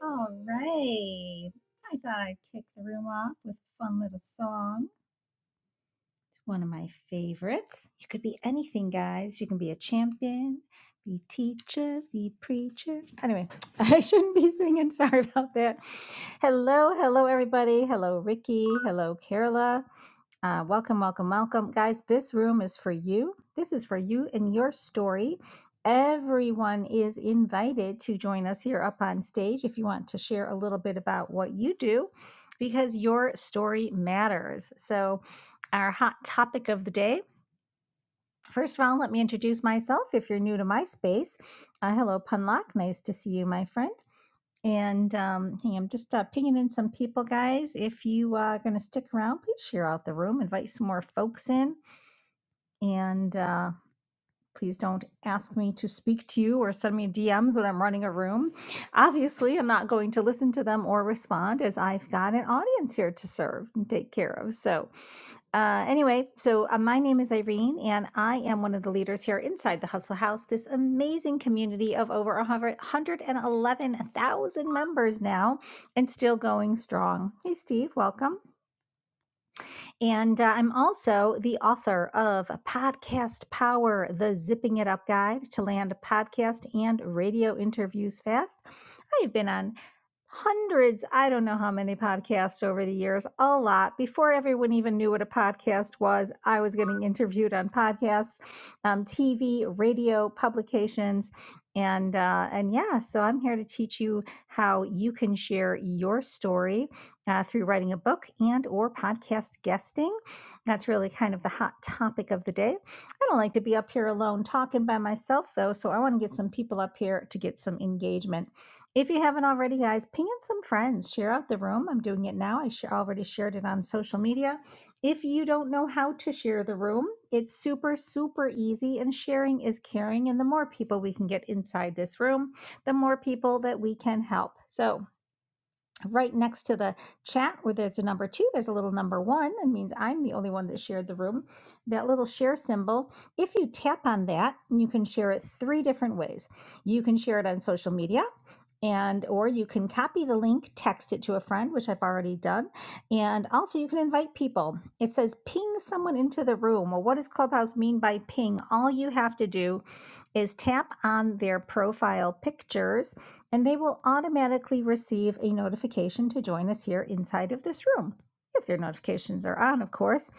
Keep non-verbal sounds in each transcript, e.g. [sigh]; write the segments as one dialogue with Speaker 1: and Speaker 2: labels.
Speaker 1: All right. I thought I'd kick the room off with a fun little song one of my favorites. You could be anything, guys. You can be a champion, be teachers, be preachers. Anyway, [laughs] I shouldn't be singing. Sorry about that. Hello, hello, everybody. Hello, Ricky. Hello, Carola. Uh, welcome, welcome, welcome. Guys, this room is for you. This is for you and your story. Everyone is invited to join us here up on stage if you want to share a little bit about what you do because your story matters. So, our hot topic of the day. First of all, let me introduce myself if you're new to my space. Uh, hello, Punlock. Nice to see you, my friend. And um, hey, I'm just uh, pinging in some people, guys. If you uh, are going to stick around, please share out the room, invite some more folks in, and uh, please don't ask me to speak to you or send me DMs when I'm running a room. Obviously, I'm not going to listen to them or respond as I've got an audience here to serve and take care of. So, Uh, anyway, so uh, my name is Irene, and I am one of the leaders here inside the Hustle House, this amazing community of over a hundred- 111,000 members now and still going strong. Hey, Steve, welcome. And uh, I'm also the author of Podcast Power, the Zipping It Up Guide to Land Podcast and Radio Interviews Fast. I've been on hundreds, I don't know how many podcasts over the years, a lot. Before everyone even knew what a podcast was, I was getting interviewed on podcasts, um, TV, radio, publications. And uh, and yeah, so I'm here to teach you how you can share your story uh, through writing a book and or podcast guesting. That's really kind of the hot topic of the day. I don't like to be up here alone talking by myself though, so I want to get some people up here to get some engagement. If you haven't already, guys, ping in some friends, share out the room. I'm doing it now. I share, already shared it on social media. If you don't know how to share the room, it's super, super easy, and sharing is caring. And the more people we can get inside this room, the more people that we can help. So, right next to the chat where there's a number two there's a little number one it means i'm the only one that shared the room that little share symbol if you tap on that you can share it three different ways you can share it on social media and or you can copy the link text it to a friend which i've already done and also you can invite people it says ping someone into the room well what does clubhouse mean by ping all you have to do is tap on their profile pictures and they will automatically receive a notification to join us here inside of this room. If their notifications are on, of course,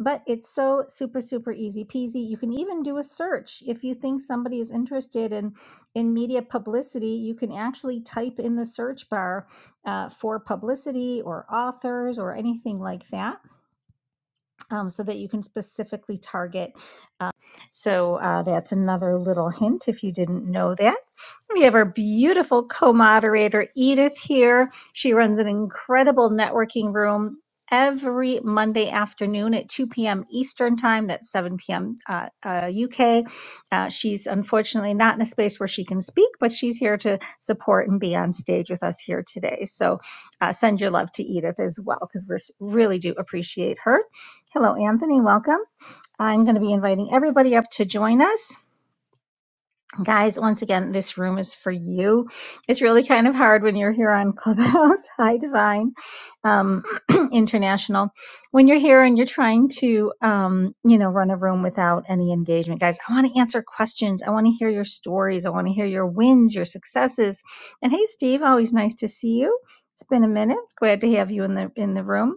Speaker 1: but it's so super, super easy peasy. You can even do a search. If you think somebody is interested in, in media publicity, you can actually type in the search bar uh, for publicity or authors or anything like that um, so that you can specifically target so uh, that's another little hint if you didn't know that. We have our beautiful co moderator, Edith, here. She runs an incredible networking room every Monday afternoon at 2 p.m. Eastern Time. That's 7 p.m. Uh, uh, UK. Uh, she's unfortunately not in a space where she can speak, but she's here to support and be on stage with us here today. So uh, send your love to Edith as well, because we really do appreciate her. Hello, Anthony. Welcome. I'm going to be inviting everybody up to join us. Guys, once again, this room is for you. It's really kind of hard when you're here on Clubhouse, [laughs] Hi Divine um, [clears throat] International, when you're here and you're trying to, um, you know, run a room without any engagement. Guys, I want to answer questions. I want to hear your stories. I want to hear your wins, your successes. And hey, Steve, always nice to see you. It's been a minute. Glad to have you in the in the room.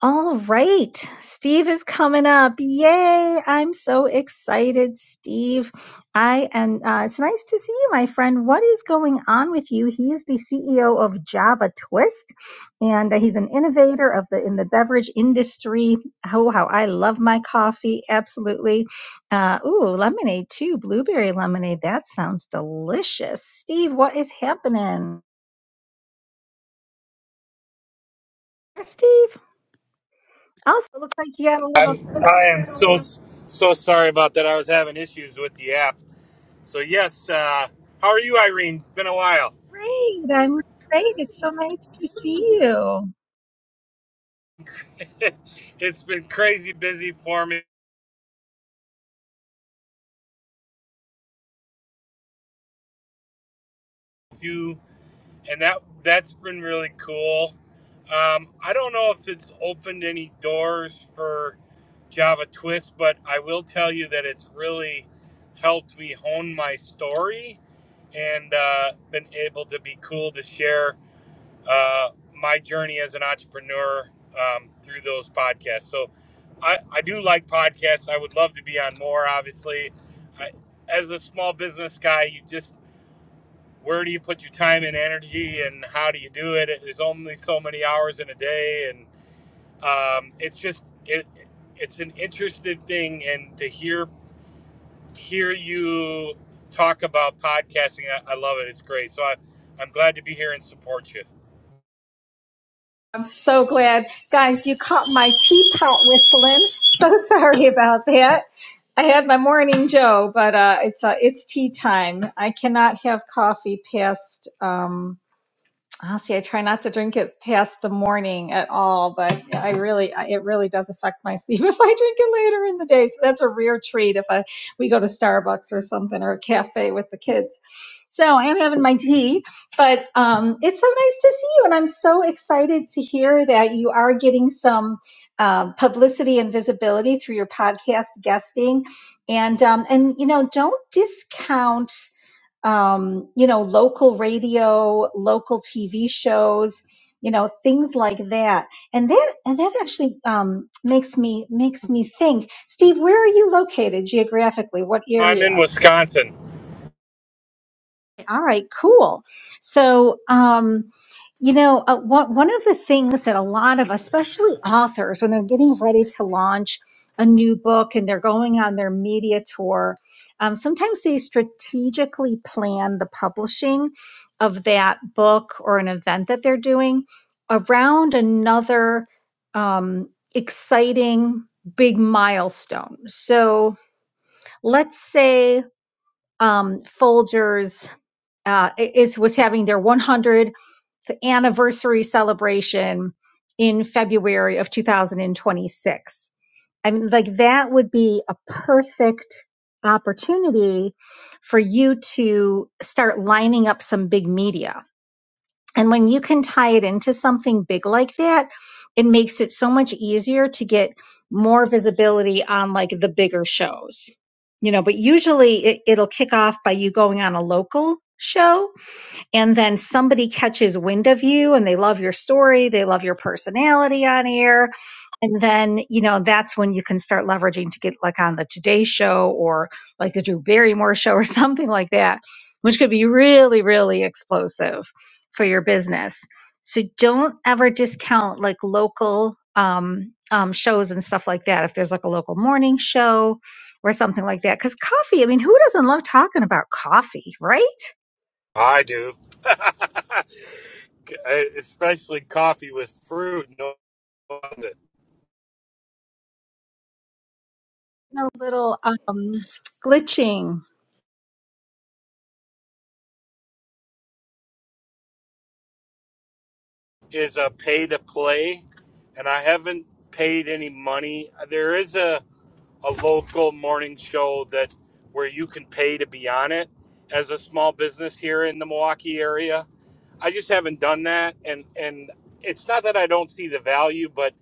Speaker 1: All right, Steve is coming up. Yay! I'm so excited, Steve. I and uh, it's nice to see you, my friend. What is going on with you? He is the CEO of Java Twist, and uh, he's an innovator of the in the beverage industry. Oh, how I love my coffee! Absolutely. Uh, ooh, lemonade too, blueberry lemonade. That sounds delicious, Steve. What is happening, Steve? Also, it looks like you got a little.
Speaker 2: I'm I am so so sorry about that. I was having issues with the app. So yes, uh, how are you, Irene? Been a while.
Speaker 1: Great. I'm great. It's so nice to see you.
Speaker 2: [laughs] it's been crazy busy for me, too, and that that's been really cool. Um, I don't know if it's opened any doors for Java Twist, but I will tell you that it's really helped me hone my story and uh, been able to be cool to share uh, my journey as an entrepreneur um, through those podcasts. So I, I do like podcasts. I would love to be on more, obviously. I, as a small business guy, you just, where do you put your time and energy and how do you do it? There's only so many hours in a day. And um, it's just, it, it's an interesting thing. And to hear, hear you talk about podcasting, I, I love it. It's great. So I, I'm glad to be here and support you.
Speaker 1: I'm so glad. Guys, you caught my teapot whistling. [laughs] So sorry about that. I had my morning Joe, but uh, it's uh, it's tea time. I cannot have coffee past. um, I'll see, I try not to drink it past the morning at all, but I really, I, it really does affect my sleep [laughs] if I drink it later in the day. So that's a rare treat if I we go to Starbucks or something or a cafe with the kids. So I am having my tea, but um, it's so nice to see you, and I'm so excited to hear that you are getting some um, publicity and visibility through your podcast guesting, and um, and you know, don't discount um, you know, local radio, local TV shows, you know, things like that. And that and that actually um, makes me makes me think, Steve, where are you located geographically? What
Speaker 2: I'm
Speaker 1: area?
Speaker 2: in Wisconsin.
Speaker 1: All right, cool. So, um, you know, uh, one, one of the things that a lot of, especially authors, when they're getting ready to launch a new book and they're going on their media tour, um, sometimes they strategically plan the publishing of that book or an event that they're doing around another um, exciting big milestone. So, let's say um, Folgers uh, is was having their 100th anniversary celebration in February of 2026. I mean, like that would be a perfect opportunity for you to start lining up some big media. And when you can tie it into something big like that, it makes it so much easier to get more visibility on like the bigger shows. You know, but usually it, it'll kick off by you going on a local show and then somebody catches wind of you and they love your story, they love your personality on air. And then, you know, that's when you can start leveraging to get like on the Today Show or like the Drew Barrymore [laughs] Show or something like that, which could be really, really explosive for your business. So don't ever discount like local um, um, shows and stuff like that. If there's like a local morning show or something like that, because coffee, I mean, who doesn't love talking about coffee, right?
Speaker 2: I do. [laughs] Especially coffee with fruit. No, one it.
Speaker 1: a little um, glitching.
Speaker 2: is a pay to play, and I haven't paid any money. There is a, a local morning show that where you can pay to be on it as a small business here in the Milwaukee area. I just haven't done that, and and it's not that I don't see the value, but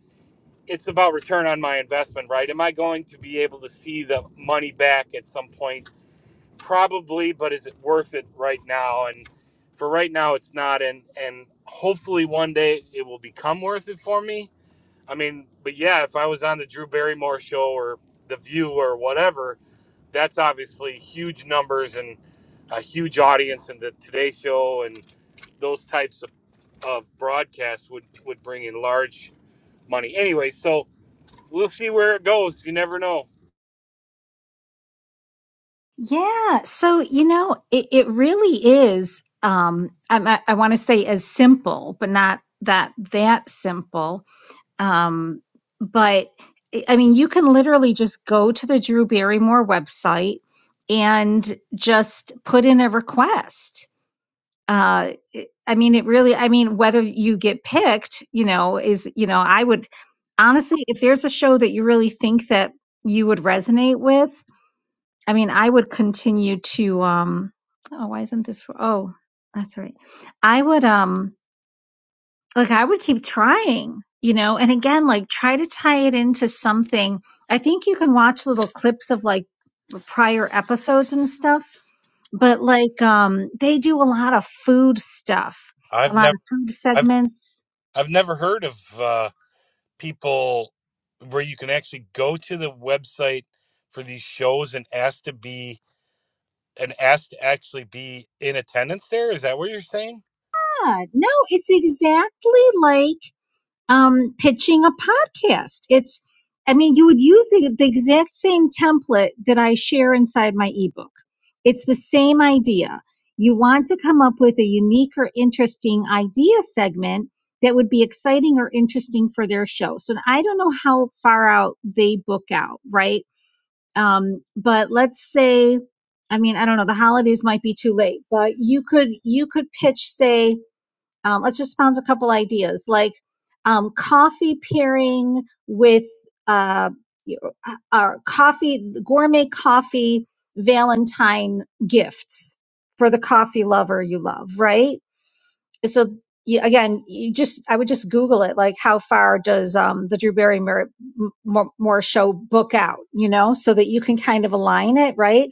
Speaker 2: it's about return on my investment, right? Am I going to be able to see the money back at some point probably, but is it worth it right now? And for right now, it's not. And and hopefully one day it will become worth it for me. I mean, but yeah, if I was on the Drew Barrymore show or The View or whatever, that's obviously huge numbers and a huge audience. And the Today Show and those types of, of broadcasts would would bring in large money. Anyway, so we'll see where it goes. You never know.
Speaker 1: Yeah. So, you know, it, it really is, um, I'm- I, I want to say as simple, but not that that simple. Um, but I I mean, you can literally just go to the Drew Barrymore website and just put in a request. uh i mean it really i mean whether you get picked you know is you know i would honestly if there's a show that you really think that you would resonate with i mean i would continue to um oh why isn't this for, oh that's right i would um like i would keep trying you know and again like try to tie it into something i think you can watch little clips of like prior episodes and stuff but like um they do a lot of food stuff a
Speaker 2: I've
Speaker 1: lot
Speaker 2: never
Speaker 1: of food
Speaker 2: I've
Speaker 1: segments
Speaker 2: I've never heard of. Uh, people where you can actually go to the website for these shows and ask to be and ask to actually be in attendance there is that what you're saying
Speaker 1: yeah, no it's exactly like um pitching a podcast it's i mean you would use the, the exact same template that i share inside my ebook it's the same idea you want to come up with a unique or interesting idea segment that would be exciting or interesting for their show so i don't know how far out they book out right um, but let's say i mean i don't know the holidays might be too late but you could you could pitch say um, let's just bounce a couple ideas like um, coffee pairing with uh, uh, our coffee gourmet coffee valentine gifts for the coffee lover you love right so you, again, you just I would just Google it, like how far does um, the Drew Barrymore M- Moore show book out, you know, so that you can kind of align it, right?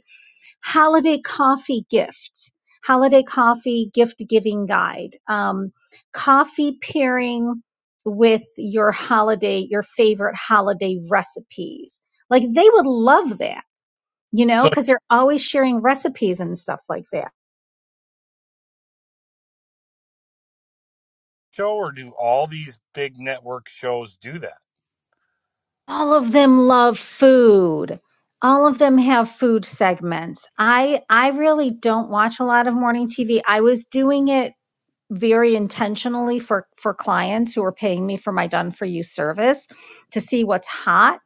Speaker 1: Holiday coffee gift, holiday coffee gift giving guide, um, coffee pairing with your holiday, your favorite holiday recipes. Like they would love that, you know,
Speaker 2: so
Speaker 1: because they're always sharing recipes and stuff like that.
Speaker 2: show or do all these big network shows do that
Speaker 1: all of them love food all of them have food segments i i really don't watch a lot of morning tv i was doing it very intentionally for for clients who are paying me for my done for you service to see what's hot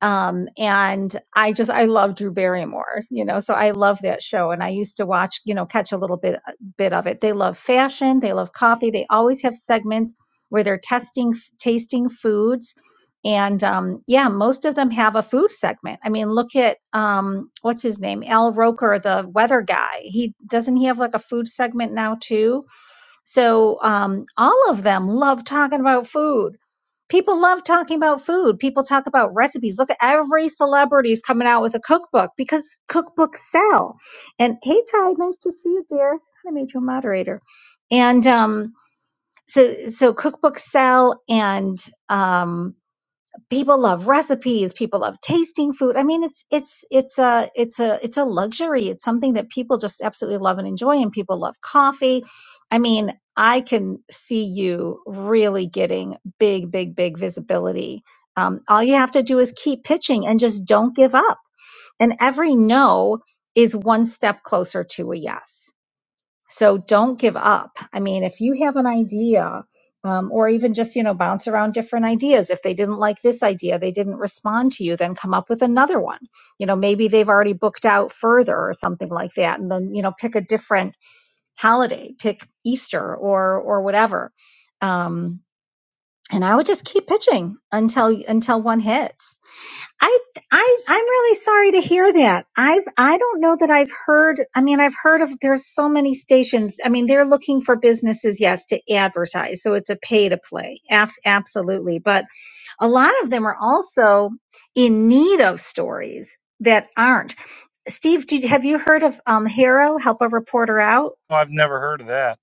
Speaker 1: um and i just i love drew barrymore you know so i love that show and i used to watch you know catch a little bit uh, bit of it they love fashion they love coffee they always have segments where they're testing f- tasting foods and um yeah most of them have a food segment i mean look at um what's his name al roker the weather guy he doesn't he have like a food segment now too so um, all of them love talking about food. People love talking about food. People talk about recipes. Look at every celebrity's coming out with a cookbook because cookbooks sell. And hey, Ty, nice to see you, dear. I made you a moderator. And um, so, so cookbooks sell, and um, people love recipes people love tasting food i mean it's it's it's a it's a it's a luxury it's something that people just absolutely love and enjoy and people love coffee i mean i can see you really getting big big big visibility um, all you have to do is keep pitching and just don't give up and every no is one step closer to a yes so don't give up. I mean, if you have an idea, um, or even just you know bounce around different ideas. If they didn't like this idea, they didn't respond to you, then come up with another one. You know, maybe they've already booked out further or something like that, and then you know pick a different holiday, pick Easter or or whatever. Um, and I would just keep pitching until until one hits. I, I, I'm really sorry to hear that. I've, I don't know that I've heard, I mean, I've heard of, there's so many stations. I mean, they're looking for businesses, yes, to advertise. So it's a pay to play. Af- absolutely. But a lot of them are also in need of stories that aren't. Steve, did, have you heard of, um, Hero, Help a Reporter Out?
Speaker 2: well, i've never heard of that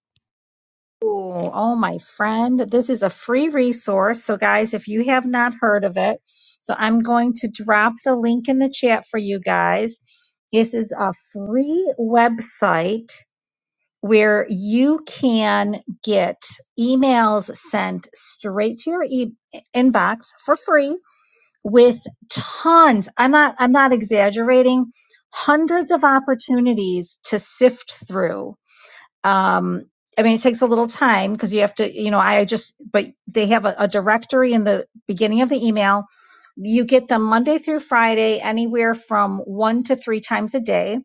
Speaker 1: Ooh, oh, my friend, this is a free resource. So, guys, if you have not heard of it, so I'm going to drop the link in the chat for you guys. This is a free website where you can get emails sent straight to your e- inbox for free with tons. I'm not I'm not exaggerating. Hundreds of opportunities to sift through um i mean it takes a little time because you have to you know i just but they have a, a directory in the beginning of the email you get them monday through friday anywhere from one to three times a day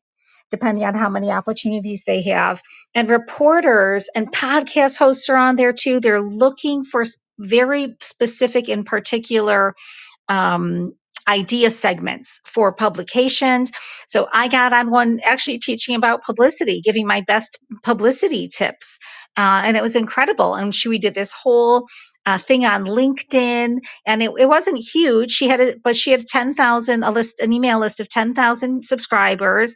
Speaker 1: depending on how many opportunities they have and reporters and podcast hosts are on there too they're looking for s- very specific and particular um, idea segments for publications. So I got on one actually teaching about publicity, giving my best publicity tips. Uh, and it was incredible. And she, we did this whole uh, thing on LinkedIn and it, it wasn't huge. She had, a, but she had 10,000, a list, an email list of 10,000 subscribers.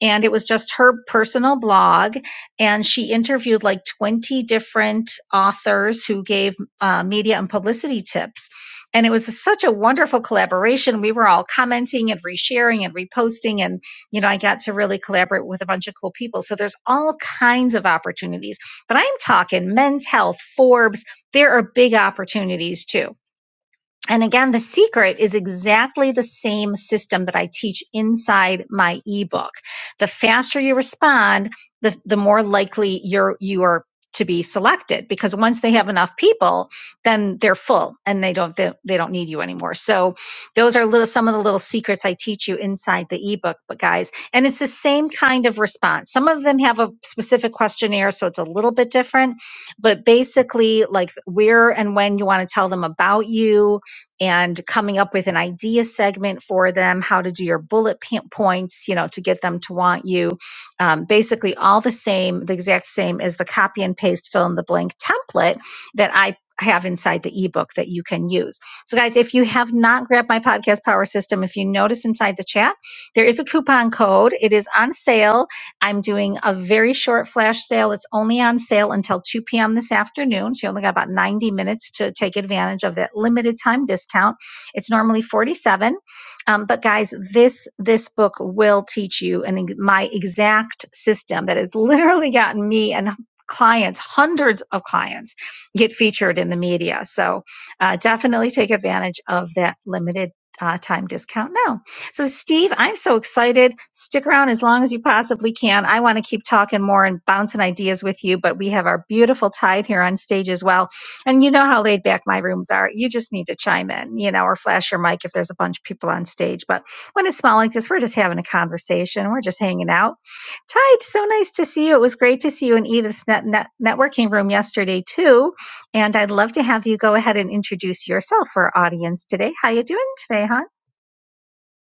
Speaker 1: And it was just her personal blog. And she interviewed like 20 different authors who gave uh, media and publicity tips and it was such a wonderful collaboration. We were all commenting and resharing and reposting, and you know, I got to really collaborate with a bunch of cool people. So there's all kinds of opportunities, but I'm talking men's health, Forbes. There are big opportunities too. And again, the secret is exactly the same system that I teach inside my ebook. The faster you respond, the, the more likely you're, you are to be selected because once they have enough people, then they're full and they don't, they, they don't need you anymore. So those are little, some of the little secrets I teach you inside the ebook, but guys, and it's the same kind of response. Some of them have a specific questionnaire, so it's a little bit different, but basically like where and when you want to tell them about you, and coming up with an idea segment for them, how to do your bullet points, you know, to get them to want you. Um, basically, all the same, the exact same as the copy and paste fill in the blank template that I have inside the ebook that you can use. So, guys, if you have not grabbed my podcast power system, if you notice inside the chat, there is a coupon code. It is on sale I'm doing a very short flash sale. It's only on sale until 2 p.m. this afternoon. So you only got about 90 minutes to take advantage of that limited time discount. It's normally 47. dollars. Um, but guys, this this book will teach you and my exact system that has [laughs] literally gotten me and clients, hundreds of clients, get featured in the media. So uh, definitely take advantage of that limited uh, time discount now. So, Steve, I'm so excited. Stick around as long as you possibly can. I want to keep talking more and bouncing ideas with you, but we have our beautiful Tide here on stage as well. And you know how laid back my rooms are. You just need to chime in, you know, or flash your mic if there's a bunch of people on stage. But when it's small like this, we're just having a conversation. We're just hanging out. Tide, so nice to see you. It was great to see you in Edith's net- net- networking room yesterday too. And I'd love to have you go ahead and introduce yourself for our audience today. How you doing today, hon?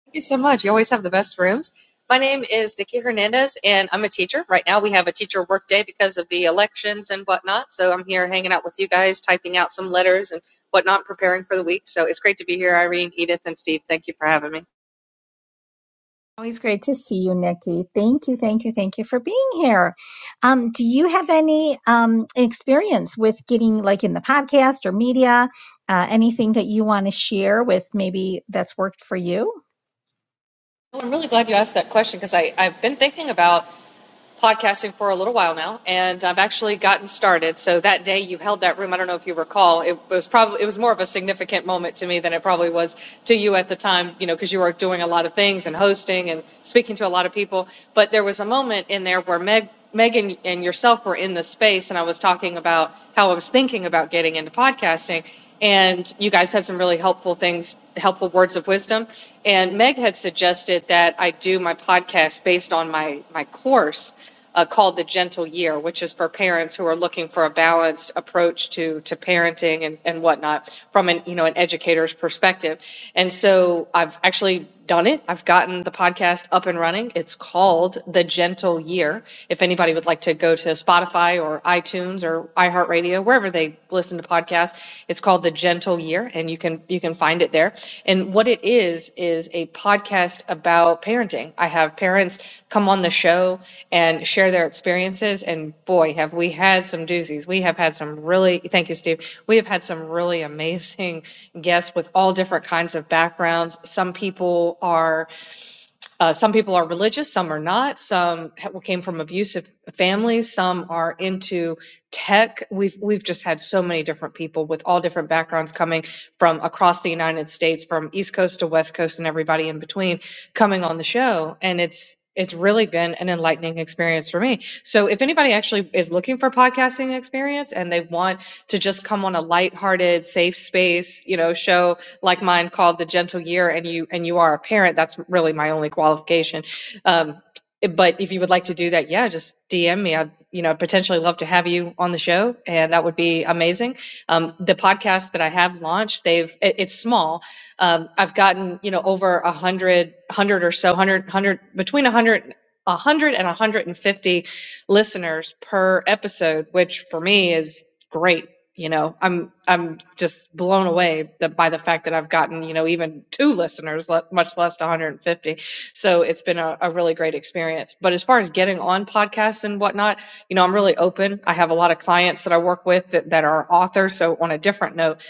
Speaker 3: Thank you so much. You always have the best rooms. My name is Nikki Hernandez, and I'm a teacher. Right now, we have a teacher work day because of the elections and whatnot. So I'm here hanging out with you guys, typing out some letters and whatnot, preparing for the week. So it's great to be here, Irene, Edith, and Steve. Thank you for having me.
Speaker 1: Always great to see you, Nikki. Thank you, thank you, thank you for being here. Um, do you have any um, experience with getting like in the podcast or media? Uh, anything that you want to share with maybe that's worked for you?
Speaker 3: Well, I'm really glad you asked that question because I've been thinking about podcasting for a little while now, and I've actually gotten started. So that day you held that room, I don't know if you recall, it was probably it was more of a significant moment to me than it probably was to you at the time, you know, because you were doing a lot of things and hosting and speaking to a lot of people. But there was a moment in there where Meg Megan and yourself were in this space, and I was talking about how I was thinking about getting into podcasting, and you guys had some really helpful things, helpful words of wisdom. And Meg had suggested that I do my podcast based on my my course uh, called The Gentle Year, which is for parents who are looking for a balanced approach to to parenting and and whatnot from an you know an educator's perspective. And so I've actually done it. I've gotten the podcast up and running. It's called The Gentle Year. If anybody would like to go to Spotify or iTunes or iHeartRadio, wherever they listen to podcasts, it's called The Gentle Year and you can you can find it there. And what it is is a podcast podcast about parenting. I have parents come on the show and share their experiences. And boy, have we had some doozies. We have had some really, thank you, Steve. We have had some really amazing [laughs] guests with all different kinds of backgrounds. Some people are uh, some people are religious, some are not. Some came from abusive families, some are into tech. We've we've just had so many different people with all different backgrounds coming from across the United States, from East Coast to West Coast, and everybody in between coming on the show, and it's it's really been an enlightening experience for me. So if anybody actually is looking for podcasting experience and they want to just come on a lighthearted, safe space, you know, show like mine called the gentle year and you and you are a parent that's really my only qualification um, but if you would like to do that yeah just dm me i'd you know potentially love to have you on the show and that would be amazing um, the podcast that i have launched they've it, it's small um, i've gotten you know over a hundred hundred or so hundred hundred between a hundred 100 and 150 listeners per episode, which for me is great you know i'm i'm just blown away that by the fact that i've gotten you know even two listeners let, much less 150 so it's been a, a really great experience but as far as getting on podcasts and whatnot you know i'm really open i have a lot of clients that i work with that, that are authors so on a different note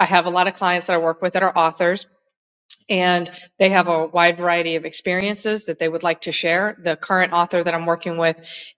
Speaker 3: i have a lot of clients that i work with that are authors and they have a wide variety of experiences that they would like to share. The current author that I'm working with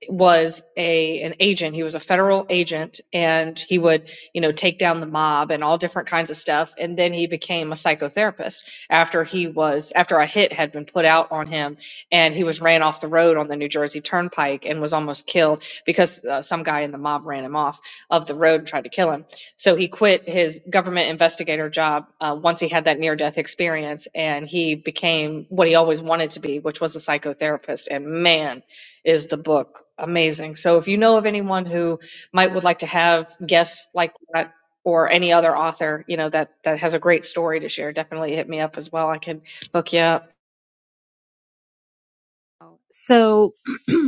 Speaker 3: was a an agent. He was a federal agent, and he would you know take down the mob and all different kinds of stuff. And then he became a psychotherapist after he was after a hit had been put out on him, and he was ran off the road on the New Jersey Turnpike and was almost killed because uh, some guy in the mob ran him off of the road and tried to kill him so he quit his government investigator job uh, once he had that near death experience and he became what he always wanted to be, which was a psychotherapist. And man, is the book amazing. So if you know of anyone who might would like to have guests like that or any other author, you know, that that has a great story to share, definitely hit me up as well. I can hook you up.
Speaker 1: so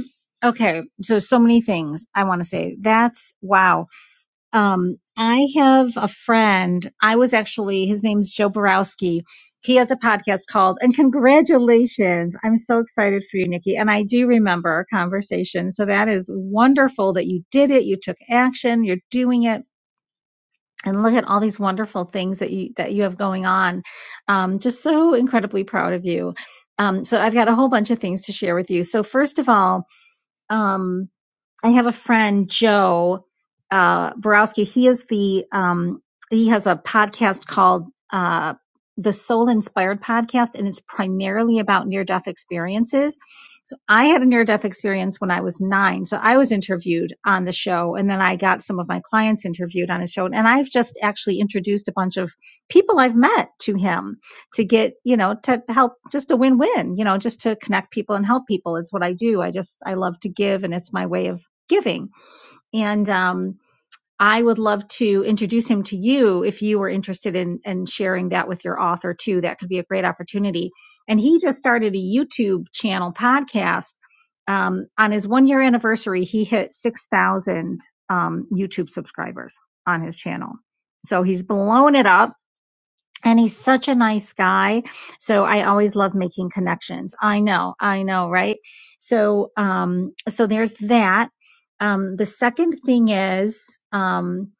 Speaker 1: [clears throat] okay so so many things i want to say that's wow um i have a friend i was actually his name's joe borowski he has a podcast called and congratulations i'm so excited for you nikki and i do remember our conversation so that is wonderful that you did it you took action you're doing it and look at all these wonderful things that you that you have going on um, just so incredibly proud of you um, so i've got a whole bunch of things to share with you so first of all um I have a friend, Joe uh, Borowski. He is the um, he has a podcast called uh, the Soul Inspired Podcast, and it's primarily about near death experiences. So I had a near death experience when I was nine. So I was interviewed on the show, and then I got some of my clients interviewed on his show. And I've just actually introduced a bunch of people I've met to him to get, you know, to help just a win win, you know, just to connect people and help people. It's what I do. I just, I love to give, and it's my way of giving. And um, I would love to introduce him to you if you were interested in, in sharing that with your author too. That could be a great opportunity. And he just started a YouTube channel podcast. Um, on his one year anniversary, he hit 6,000 um, YouTube subscribers on his channel. So he's blown it up and he's such a nice guy so i always love making connections i know i know right so um so there's that um the second thing is um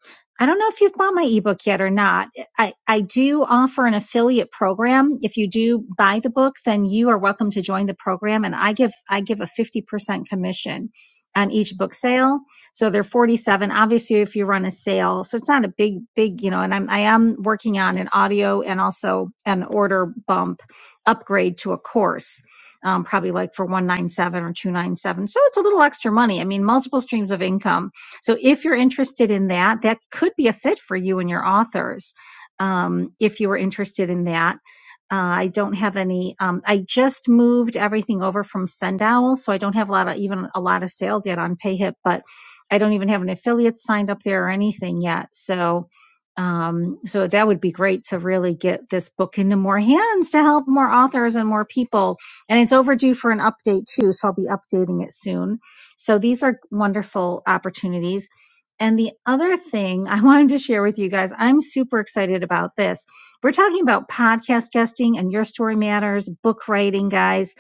Speaker 1: i don't know if you've bought my ebook yet or not i i do offer an affiliate program if you do buy the book then you are welcome to join the program and i give i give a 50% commission on each book sale so they're 47. Obviously, if you run a sale, so it's not a big, big, you know, and I'm, I am working on an audio and also an order bump upgrade to a course. Um, probably like for 197 or 297. So it's a little extra money. I mean, multiple streams of income. So if you're interested in that, that could be a fit for you and your authors. Um, if you were interested in that, uh, I don't have any. Um, I just moved everything over from Sendowl, so I don't have a lot of even a lot of sales yet on PayHip, but I don't even have an affiliate signed up there or anything yet. So, um, so that would be great to really get this book into more hands to help more authors and more people. And it's overdue for an update too. So I'll be updating it soon. So these are wonderful opportunities. And the other thing I [laughs] wanted to share with you guys, I'm super excited about this. We're talking about podcast guesting and your story matters, book writing, guys.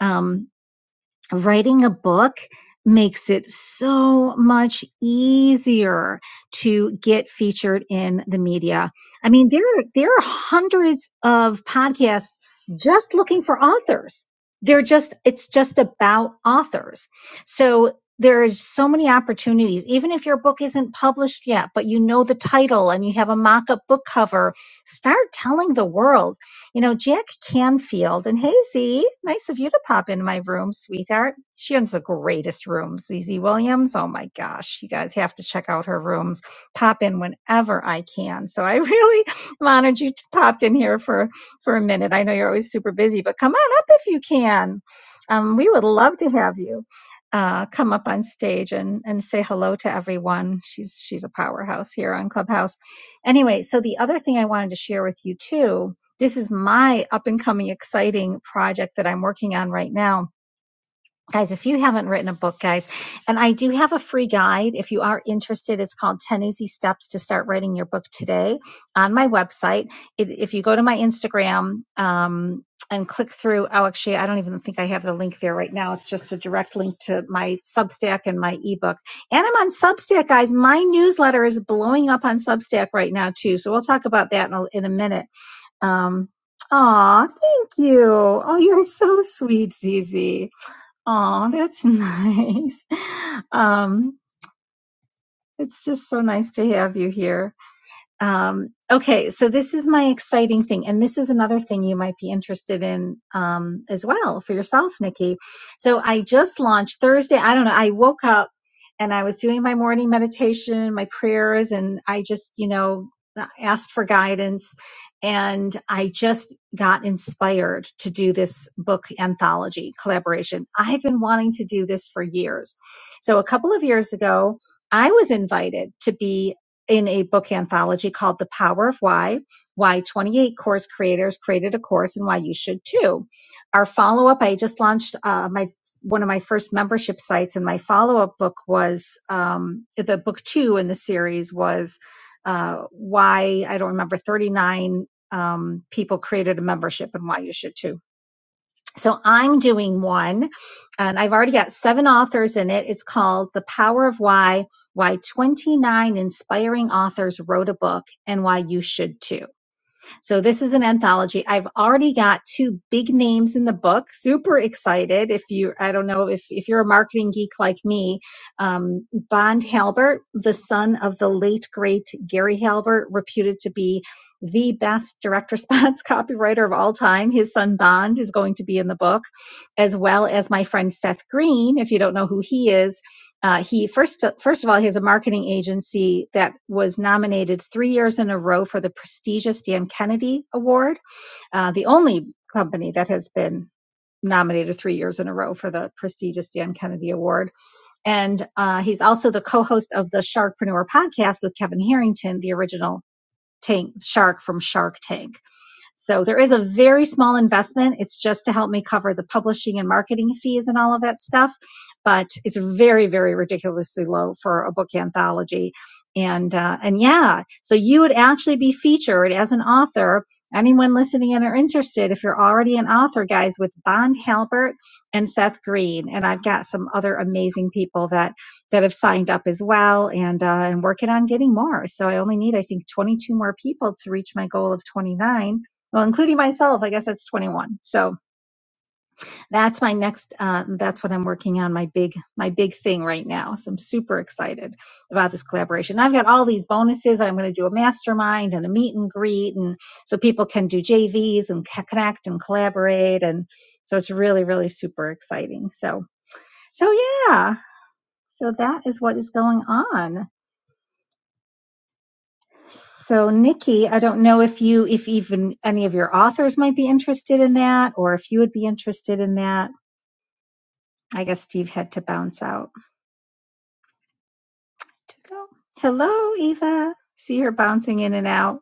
Speaker 1: Um, writing a book makes it so much easier to get featured in the media. I mean, there are, there are hundreds of podcasts just looking for authors. They're just it's just about authors. So there is so many opportunities even if your book isn't published yet but you know the title and you have a mock-up book cover start telling the world you know, Jack Canfield and Hazy, nice of you to pop into my room, sweetheart. She owns the greatest rooms, ZZ Williams. Oh my gosh, you guys have to check out her rooms. Pop in whenever I can. So I really [laughs] am honored you popped in here for for a minute. I know you're always super busy, but come on up if you can. Um, we would love to have you uh, come up on stage and and say hello to everyone. She's she's a powerhouse here on Clubhouse. Anyway, so the other thing I wanted to share with you too this is my up and coming exciting project that I'm working on right now. Guys, if you haven't written a book, guys, and I do have a free guide. If you are interested, it's called 10 Easy Steps to Start Writing Your Book Today on my website. It, if you go to my Instagram, um, and click through. Oh, actually, I don't even think I have the link there right now. It's just a direct link to my Substack and my ebook. And I'm on Substack, guys. My newsletter is blowing up on Substack right now, too. So we'll talk about that in a, in a minute um, aw, thank you. Oh, you're so sweet, Zizi. Aw, that's [laughs] nice. Um, it's just so nice to have you here. Um, okay, so this is my exciting thing, and this is another thing you might be interested in um, as well for yourself, Nikki. So I just launched Thursday. I don't know. I woke up and I was doing my morning meditation, my prayers, and I just, you know, asked for guidance, and I just got inspired to do this book anthology collaboration. I have been wanting to do this for years. So a couple of years ago, I was invited to be in a book anthology called The Power of Why, why 28 course creators created a course and why you should too. Our follow up, I just launched uh, my one of my first membership sites, and my follow up book was um, the book two in the series was uh, why I don't remember 39 um, people created a membership and why you should too so I'm doing one, and I've already got seven authors in it. It's called The Power of Why Why 29 Inspiring Authors Wrote a Book and Why You Should Too. So this is an anthology. I've already got two big names in the book. Super excited. If you, I don't know if, if you're a marketing geek like me, um, Bond Halbert, the son of the late great Gary Halbert, reputed to be the best direct response [laughs] copywriter of all time. His son Bond is going to be in the book, as well as my friend Seth Green. If you don't know who he is, uh, he first first of all, he has a marketing agency that was nominated three years in a row for the prestigious Dan Kennedy Award, uh, the only company that has been nominated three years in a row for the prestigious Dan Kennedy Award. And uh, he's also the co-host of the Sharkpreneur podcast with Kevin Harrington, the original tank shark from Shark Tank. So there is a very small investment. It's just to help me cover the publishing and marketing fees and all of that stuff. But it's very, very ridiculously low for a book anthology. And, uh, and yeah, so you would actually be featured as an author. Anyone listening in are interested, if you're already an author, guys, with Bond Halbert and Seth Green. And I've got some other amazing people that, that have signed up as well and, uh, and working on getting more. So I only need, I think, 22 more people to reach my goal of 29 well, including myself, I guess that's 21. So that's my next, uh, that's what I'm working on, my big, my big thing right now. So I'm super excited about this collaboration. I've got all these bonuses. I'm going to do a mastermind and a meet and greet. And so people can do JVs and connect and collaborate. And so it's really, really super exciting. So, so yeah. So that is what is going on. So Nikki, I don't know if you, if even any of your authors might be interested in that, or if you would be interested in that. I guess Steve had to bounce out to go. Hello, Eva. See her bouncing in and out.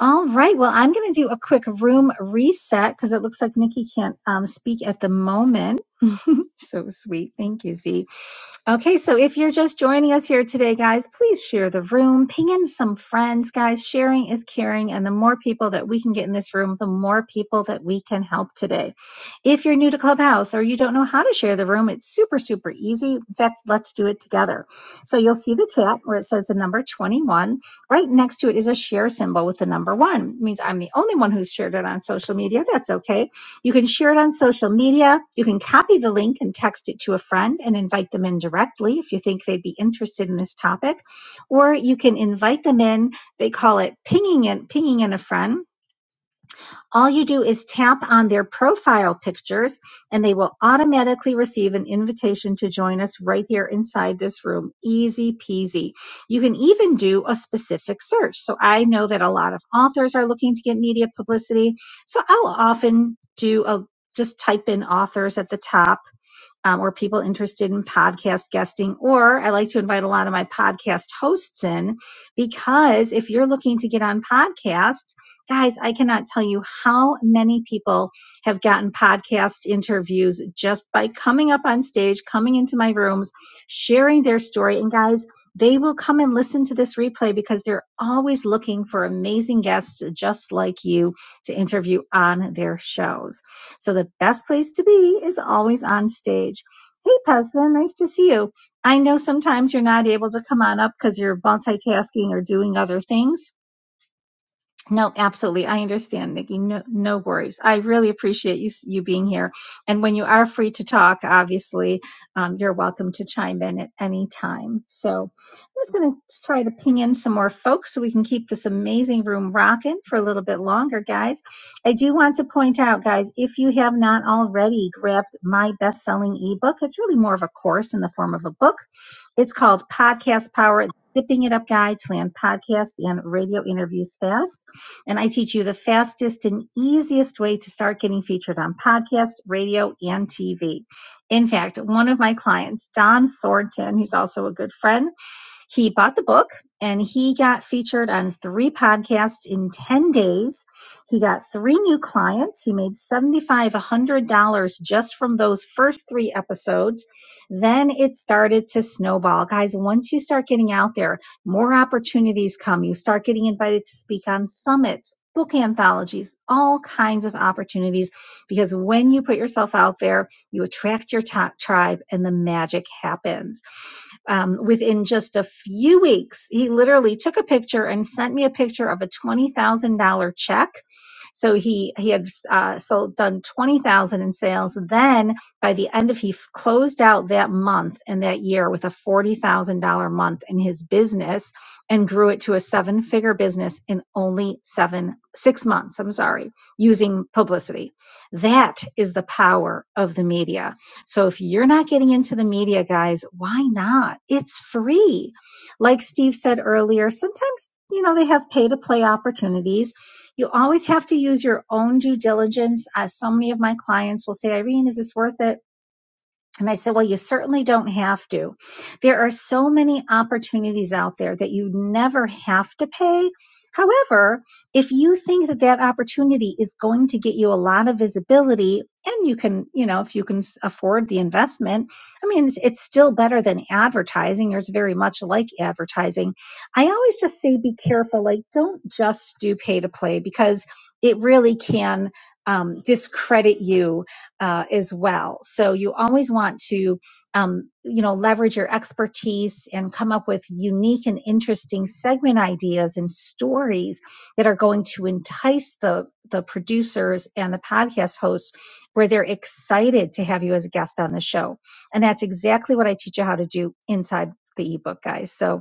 Speaker 1: All right. Well, I'm going to do a quick room reset because it looks like Nikki can't um, speak at the moment. [laughs] so sweet. Thank you, Z. Okay, so if you're just joining us here today, guys, please share the room, ping in some friends, guys. Sharing is caring, and the more people that we can get in this room, the more people that we can help today. If you're new to Clubhouse or you don't know how to share the room, it's super, super easy. In fact, let's do it together. So you'll see the chat where it says the number 21. Right next to it is a share symbol with the number one. It means I'm the only one who's shared it on social media. That's okay you can share it on social media. You can copy the link and text it to a friend and invite them in directly if you think they'd be interested in this topic. Or you can invite them in. They call it pinging in, pinging in a friend all you do is tap on their profile pictures and they will automatically receive an invitation to join us right here inside this room. Easy peasy. You can even do a specific search. So I know that a lot of authors are looking to get media publicity. So I'll often do a just type in authors at the top um, or people interested in podcast guesting. Or I like to invite a lot of my podcast hosts in because if you're looking to get on podcasts, guys, I cannot tell you how many people have gotten podcast interviews just by coming up on stage, coming into my rooms, sharing their story. And guys, they will come and listen to this replay because they're always looking for amazing guests just like you to interview on their shows. So the best place to be is always on stage. Hey, husband, nice to see you. I know sometimes you're not able to come on up because you're multitasking or doing other things no, absolutely. I understand, Nikki. No, no worries. I really appreciate you you being here. And when you are free to talk, obviously, um, you're welcome to chime in at any time. So I'm just going to try to ping in some more folks so we can keep this amazing room rocking for a little bit longer, guys. I do want to point out, guys, if you have not already grabbed my best-selling ebook, it's really more of a course in the form of a book. It's called Podcast Power: Zipping It Up Guide to Land Podcast and Radio Interviews Fast and I teach you the fastest and easiest way to start getting featured on podcasts, radio, and TV. In fact, one of my clients, Don Thornton, he's also a good friend, he bought the book and he got featured on three podcasts in 10 days. He got three new clients. He made $7,500 just from those first three episodes. Then it started to snowball. Guys, once you start getting out there, more opportunities come. You start getting invited to speak on summits, book anthologies, all kinds of opportunities because when you put yourself out there, you attract your top tribe and the magic happens um, within just a few weeks, he literally took a picture and sent me a picture of a $20,000 check. So he he had uh, sold done twenty thousand in sales. Then by the end of he f- closed out that month and that year with a forty thousand dollar month in his business and grew it to a seven figure business in only seven six months. I'm sorry, using publicity. That is the power of the media so if you're not getting into the media, guys, why not? It's free. Like Steve said earlier, sometimes, you know, they have pay to play opportunities. You always have to use your own due diligence. As so many of my clients will say, Irene, is this worth it? And I said, Well, you certainly don't have to. There are so many opportunities out there that you never have to pay. However, if you think that that opportunity is going to get you a lot of visibility and you can, you know, if you can afford the investment, I mean, it's, it's still better than advertising or it's very much like advertising. I always just say be careful. Like, don't just do pay to play because it really can um, discredit you uh, as well. So you always want to, um, you know, leverage your expertise and come up with unique and interesting segment ideas and stories that are going to entice the the producers and the podcast hosts where they're excited to have you as a guest on the show. And that's exactly what I teach you how to do inside the ebook, guys. So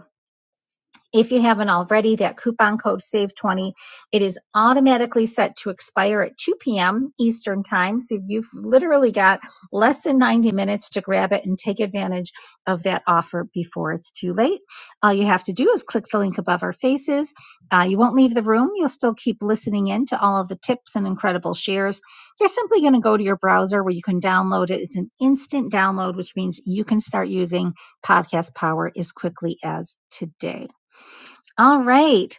Speaker 1: if you haven't already, that coupon code SAVE20, it is automatically set to expire at 2 p.m. Eastern Time. So you've literally got less than 90 minutes to grab it and take advantage of that offer before it's too late. All you have to do is click the link above our faces. Uh, you won't leave the room. You'll still keep listening in to all of the tips and incredible shares. You're simply going to go to your browser where you can download it. It's an instant download, which means you can start using Podcast Power as quickly as today. All right.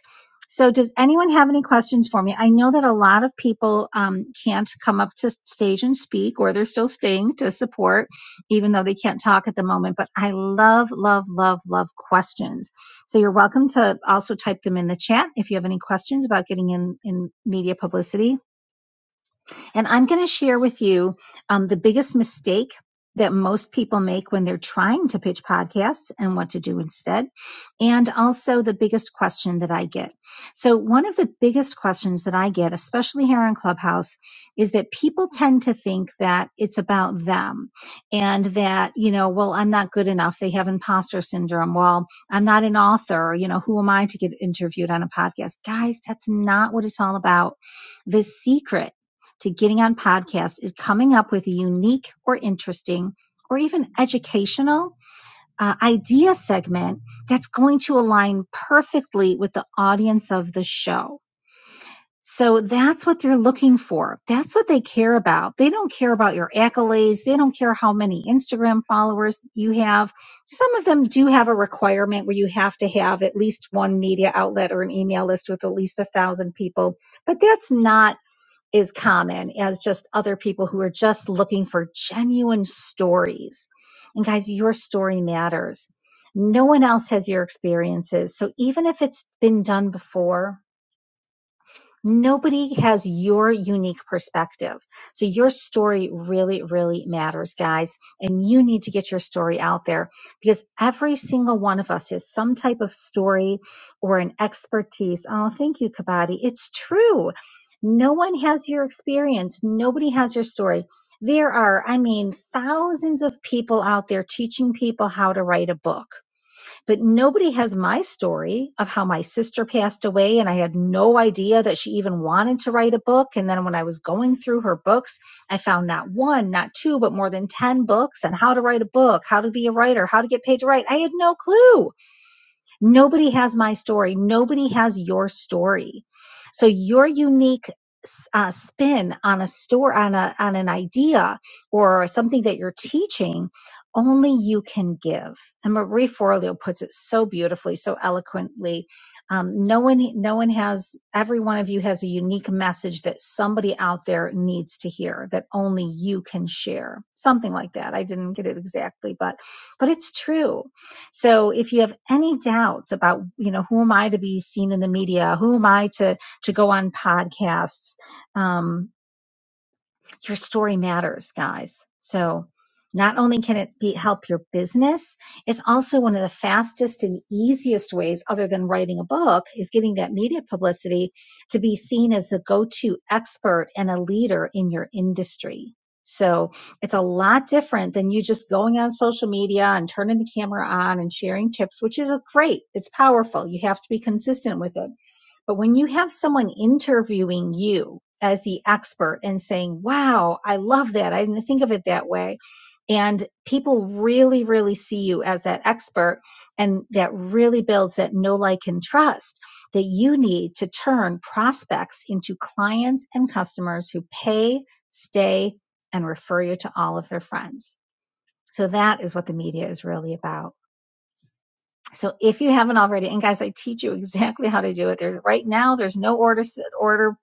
Speaker 1: So, does anyone have any questions for me? I know that a lot of people um, can't come up to stage and speak, or they're still staying to support, even though they can't talk at the moment. But I love, love, love, love questions. So, you're welcome to also type them in the chat if you have any questions about getting in in media publicity and I'm going to share with you um, the biggest mistake that most people make when they're trying to pitch podcasts and what to do instead. And also the biggest question that I get. So one of the biggest questions that I get, especially here on Clubhouse, is that people tend to think that it's about them and that, you know, well, I'm not good enough. They have imposter syndrome. Well, I'm not an author. You know, who am I to get interviewed on a podcast? Guys, that's not what it's all about. The secret to getting on podcasts is coming up with a unique or interesting or even educational uh, idea segment that's going to align perfectly with the audience of the show. So that's what they're looking for. That's what they care about. They don't care about your accolades. They don't care how many Instagram followers you have. Some of them do have a requirement where you have to have at least one media outlet or an email list with at least a thousand people, but that's not is common as just other people who are just looking for genuine stories. And guys, your story matters. No one else has your experiences. So even if it's been done before, Nobody has your unique perspective. So your story really, really matters, guys. And you need to get your story out there because every single one of us has some type of story or an expertise. Oh, thank you, Kabadi. It's true. No one has your experience. Nobody has your story. There are, I mean, thousands of people out there teaching people how to write a book but nobody has my story of how my sister passed away and I had no idea that she even wanted to write a book and then when I was going through her books I found not one not two but more than 10 books on how to write a book how to be a writer how to get paid to write I had no clue Nobody has my story. Nobody has your story. So your unique uh, spin on a store on a on an idea or something that you're teaching only you can give and marie forleo puts it so beautifully so eloquently um, no one no one has every one of you has a unique message that somebody out there needs to hear that only you can share something like that i didn't get it exactly but but it's true so if you have any doubts about, you know, who am I to be seen in the media? Who am I to to go on podcasts? Um, your story matters, guys. So not only can it be, help your business, it's also one of the fastest and easiest ways, other than writing a book, is getting that media publicity to be seen as the go to expert and a leader in your industry. So it's a lot different than you just going on social media and turning the camera on and sharing tips, which is a great. It's powerful. You have to be consistent with it but when you have someone interviewing you as the expert and saying, wow, I love that. I didn't think of it that way. And people really, really see you as that expert. And that really builds that know, like, and trust that you need to turn prospects into clients and customers who pay, stay, and refer you to all of their friends. So that is what the media is really about. So if you haven't already, and guys, I teach you exactly how to do it. There right now, there's no order order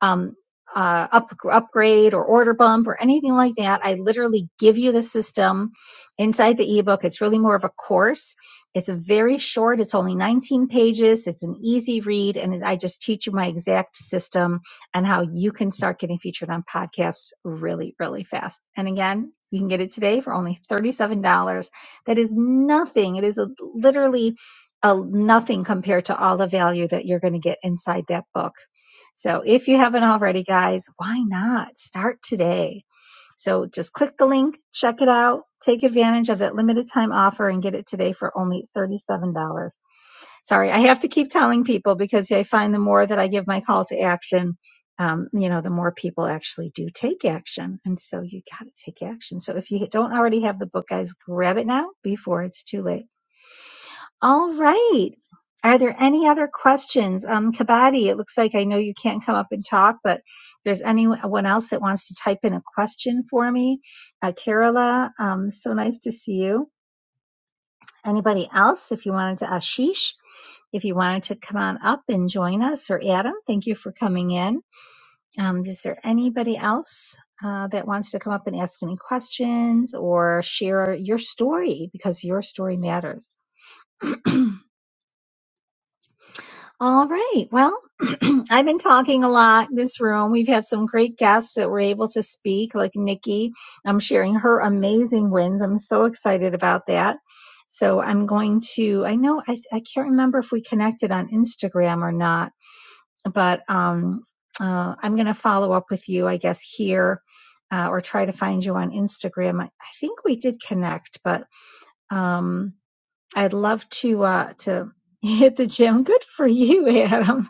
Speaker 1: um, uh, up, upgrade or order bump or anything like that. I literally give you the system inside the ebook. It's really more of a course. It's a very short. It's only 19 pages. It's an easy read, and I just teach you my exact system and how you can start getting featured on podcasts really, really fast. And again, you can get it today for only $37 That is nothing. It is a, literally a nothing compared to all the value that you're going to get inside that book. So if you haven't already, guys, why not start today? So just click the link, check it out, take advantage of that limited time offer, and get it today for only $37. sorry, I have to keep telling people because I find the more that I give my call to action, um, you know, the more people actually do take action. And so you got to take action. So if you don't already have the book, guys, grab it now before it's too late. All right. Are there any other questions? Um, Kabadi, it looks like I know you can't come up and talk, but if there's anyone else that wants to type in a question for me, uh, Kerala, um, so nice to see you. Anybody else? If you wanted to, Ashish, if you wanted to come on up and join us, or Adam, thank you for coming in. Um, is there anybody else uh, that wants to come up and ask any questions or share your story because your story matters? All right. Well, [clears throat] I've been talking a lot in this room. We've had some great guests that were able to speak, like Nikki. I'm sharing her amazing wins. I'm so excited about that. So I'm going to, I know, I, I can't remember if we connected on Instagram or not but um, uh, I'm going to follow up with you, I guess, here uh, or try to find you on Instagram. I, I think we did connect, but um, I'd love to uh, to [laughs] hit the gym. Good for you, Adam.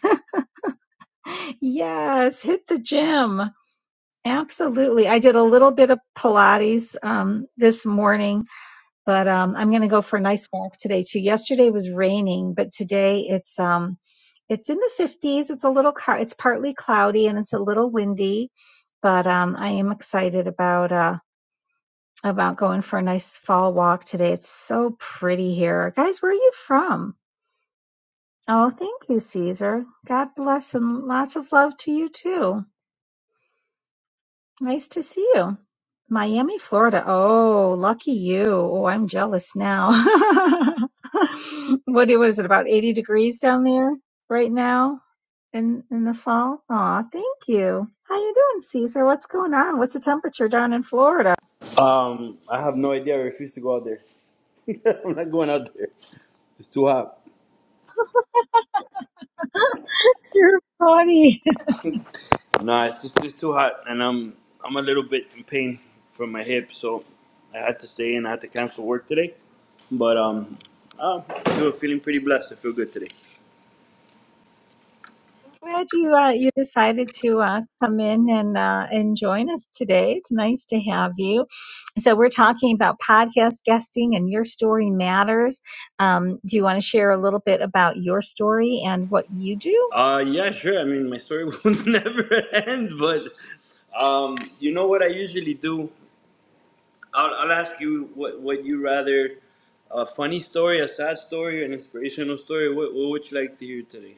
Speaker 1: [laughs] yes, hit the gym. Absolutely. I did a little bit of Pilates um, this morning but um, I'm going to go for a nice walk today too. Yesterday was raining, but today it's um, it's in the 50s. It's a little car. It's partly cloudy and it's a little windy, but um, I am excited about uh, about going for a nice fall walk today. It's so pretty here, guys. Where are you from? Oh, thank you, Caesar. God bless and lots of love to you too. Nice to see you. Miami, Florida. Oh, lucky you. Oh, I'm jealous now. [laughs] what, what is it, about 80 degrees down there right now in, in the fall? Aw, thank you. How you doing, Caesar? What's going on? What's the temperature down in Florida?
Speaker 4: Um, I have no idea. I refuse to go out there. [laughs] I'm not going out there. It's too hot.
Speaker 1: You're funny.
Speaker 4: Nah, it's just it's too hot, and I'm I'm a little bit in pain from my hip, so I had to stay and I had to cancel work today. But um, uh, I feel feeling pretty blessed. I feel good today.
Speaker 1: Glad you uh, you decided to uh, come in and uh, and join us today. It's nice to have you. So we're talking about podcast guesting and your story matters. Um, do you want to share a little bit about your story and what you do?
Speaker 4: Uh, yeah, sure. I mean, my story [laughs] will never end, but um, you know what I usually do? I'll, I'll ask you what what you rather a funny story, a sad story, an inspirational story. What what would you like to hear today?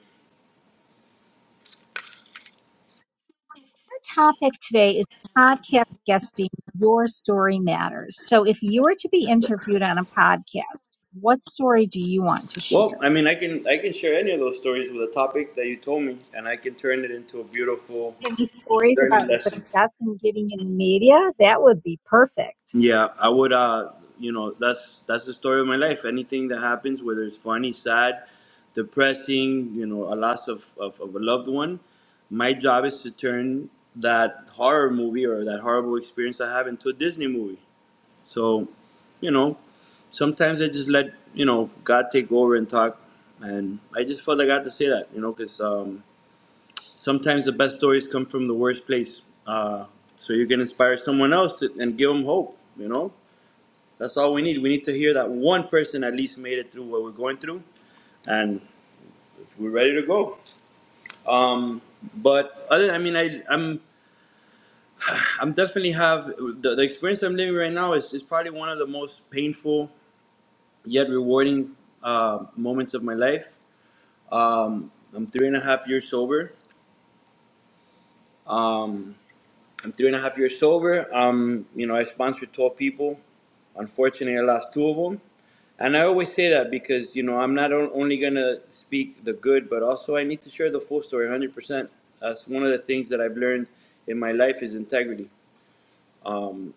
Speaker 1: Our topic today is podcast guesting. Your story matters. So if you were to be interviewed on a podcast, what story do you want to
Speaker 4: Well,
Speaker 1: share?
Speaker 4: I mean, I can I can share any of those stories with a topic that you told me, and I can turn it into a beautiful
Speaker 1: Any stories
Speaker 4: learning
Speaker 1: about
Speaker 4: lesson.
Speaker 1: success in getting in the media? That would be perfect.
Speaker 4: Yeah, I would. Uh, you know, that's that's the story of my life. Anything that happens, whether it's funny, sad, depressing, you know, a loss of, of, of a loved one, my job is to turn that horror movie or that horrible experience I have into a Disney movie. So, you know, sometimes I just let you know God take over and talk, and I just felt I got to say that, you know, because. Um, sometimes the best stories come from the worst place. Uh, so you can inspire someone else to- and give them hope. You know, that's all we need. We need to hear that one person at least made it through what we're going through, and we're ready to go. Um, but other, I mean, I, I'm, I'm definitely have the, the experience I'm living right now is, is probably one of the most painful yet rewarding uh, moments of my life. Um, I'm three and a half years sober. Um, I'm three and a half years sober. Um, you know, I sponsored 12 people. Unfortunately, I lost two of them. And I always say that because, you know, I'm not only going to speak the good, but also I need to share the full story 100%. That's one of the things that I've learned in my life is integrity. Um,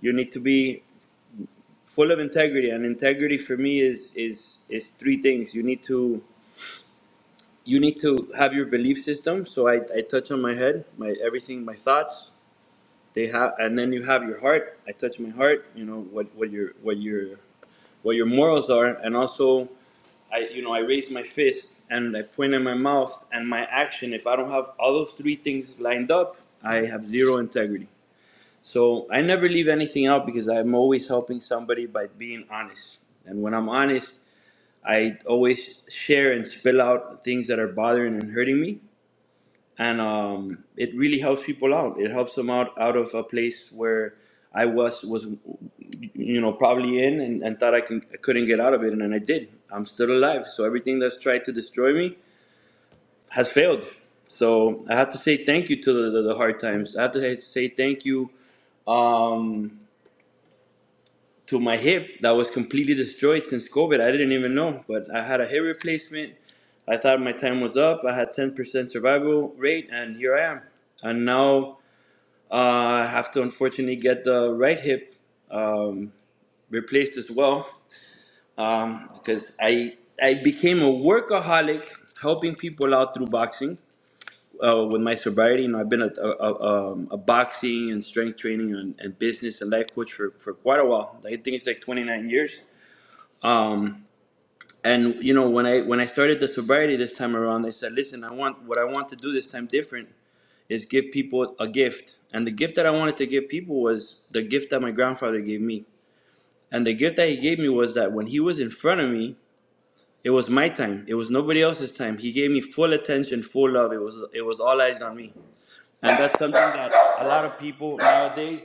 Speaker 4: you need to be full of integrity. And integrity for me is, is, is three things. You need to, you need to have your belief system. So I, I touch on my head, my everything, my thoughts. they have and then you have your heart i touch my heart you know what what your what your what your morals are and also i you know i raise my fist and i point in my mouth and my action if i don't have all those three things lined up i have zero integrity so i never leave anything out because i'm always helping somebody by being honest and when i'm honest i always share and spill out things that are bothering and hurting me and um, it really helps people out. It helps them out out of a place where I was was you know probably in and, and thought I can I couldn't get out of it, and then I did. I'm still alive. So everything that's tried to destroy me has failed. So I have to say thank you to the, the, the hard times. I have to say thank you um, to my hip that was completely destroyed since COVID. I didn't even know, but I had a hip replacement. I thought my time was up. I had 10% survival rate, and here I am. And now uh, I have to unfortunately get the right hip um, replaced as well um, because I I became a workaholic, helping people out through boxing uh, with my sobriety. You know, I've been a, a, a, um, a boxing and strength training and, and business and life coach for, for quite a while. I think it's like 29 years. Um, and you know, when I when I started the sobriety this time around, I said, listen, I want what I want to do this time different is give people a gift. And the gift that I wanted to give people was the gift that my grandfather gave me. And the gift that he gave me was that when he was in front of me, it was my time. It was nobody else's time. He gave me full attention, full love. It was it was all eyes on me. And that's something that a lot of people nowadays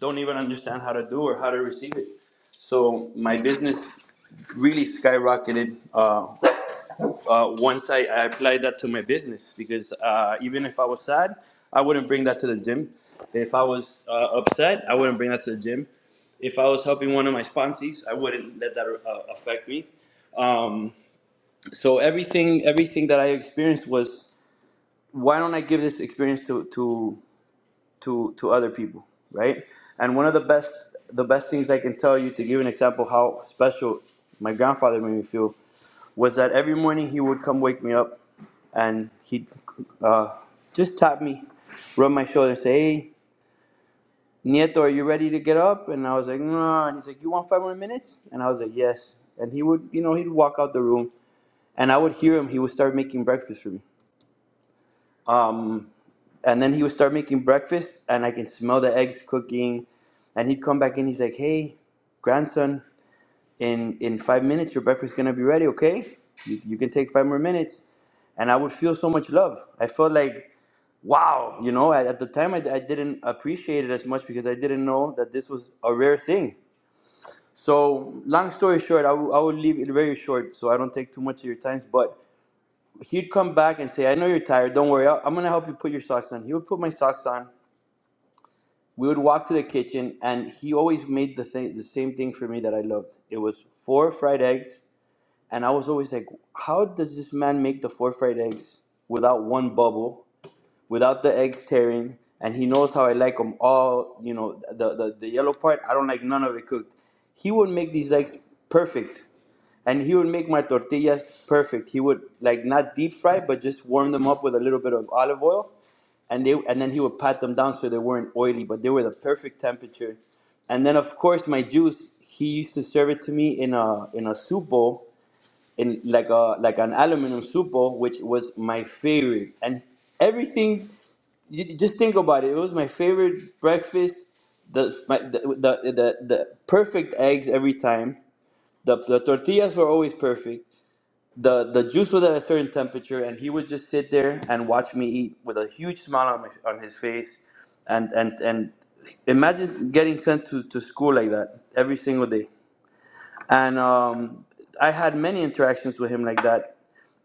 Speaker 4: don't even understand how to do or how to receive it. So my business really skyrocketed. Uh, uh, once I, I applied that to my business because uh, even if I was sad, I wouldn't bring that to the gym. If I was uh, upset, I wouldn't bring that to the gym. If I was helping one of my sponsors, I wouldn't let that uh, affect me. Um, so everything, everything that I experienced was, why don't I give this experience to to to to other people, right? And one of the best the best things I can tell you to give an example how special my grandfather made me feel was that every morning he would come wake me up, and he'd uh, just tap me, rub my shoulder, and say, "Hey, Nieto, are you ready to get up?" And I was like, "No." And he's like, "You want five more minutes?" And I was like, "Yes." And he would, you know, he'd walk out the room, and I would hear him. He would start making breakfast for me. Um, And then he would start making breakfast, and I can smell the eggs cooking. And he'd come back in. He's like, "Hey, grandson, in in five minutes, your breakfast's gonna be ready. Okay, you, you can take five more minutes." And I would feel so much love. I felt like, wow, you know. At, at the time, I, I didn't appreciate it as much because I didn't know that this was a rare thing. So, long story short, I will I will leave it very short so I don't take too much of your time. But he'd come back and say, I know you're tired. Don't worry. I- I'm going to help you put your socks on. He would put my socks on. we would walk to the kitchen and he always made the thing the same thing for me that I loved. It was four fried eggs and I was always like, How does this man make the four fried eggs without one bubble, without the eggs tearing? And he knows how I like them all, you know, the, the, the yellow part, I don't like none of it cooked. He would make these eggs perfect. And he would make my tortillas perfect. He would like not deep fry, but just warm them up with a little bit of olive oil and they and then he would pat them down so they weren't oily, but they were the perfect temperature. And then of course my juice, he used to serve it to me in a in a soup bowl, in like a like an aluminum soup bowl, which was my favorite. And everything, you, you just think about it. It was my favorite breakfast. The, my, the, the the the perfect eggs every time. The the tortillas were always perfect the the juice was at a certain temperature, and he would just sit there and watch me eat with a huge smile on, my, on his face, and and and imagine getting sent to, to school like that every single day and um, I had many interactions with him like that.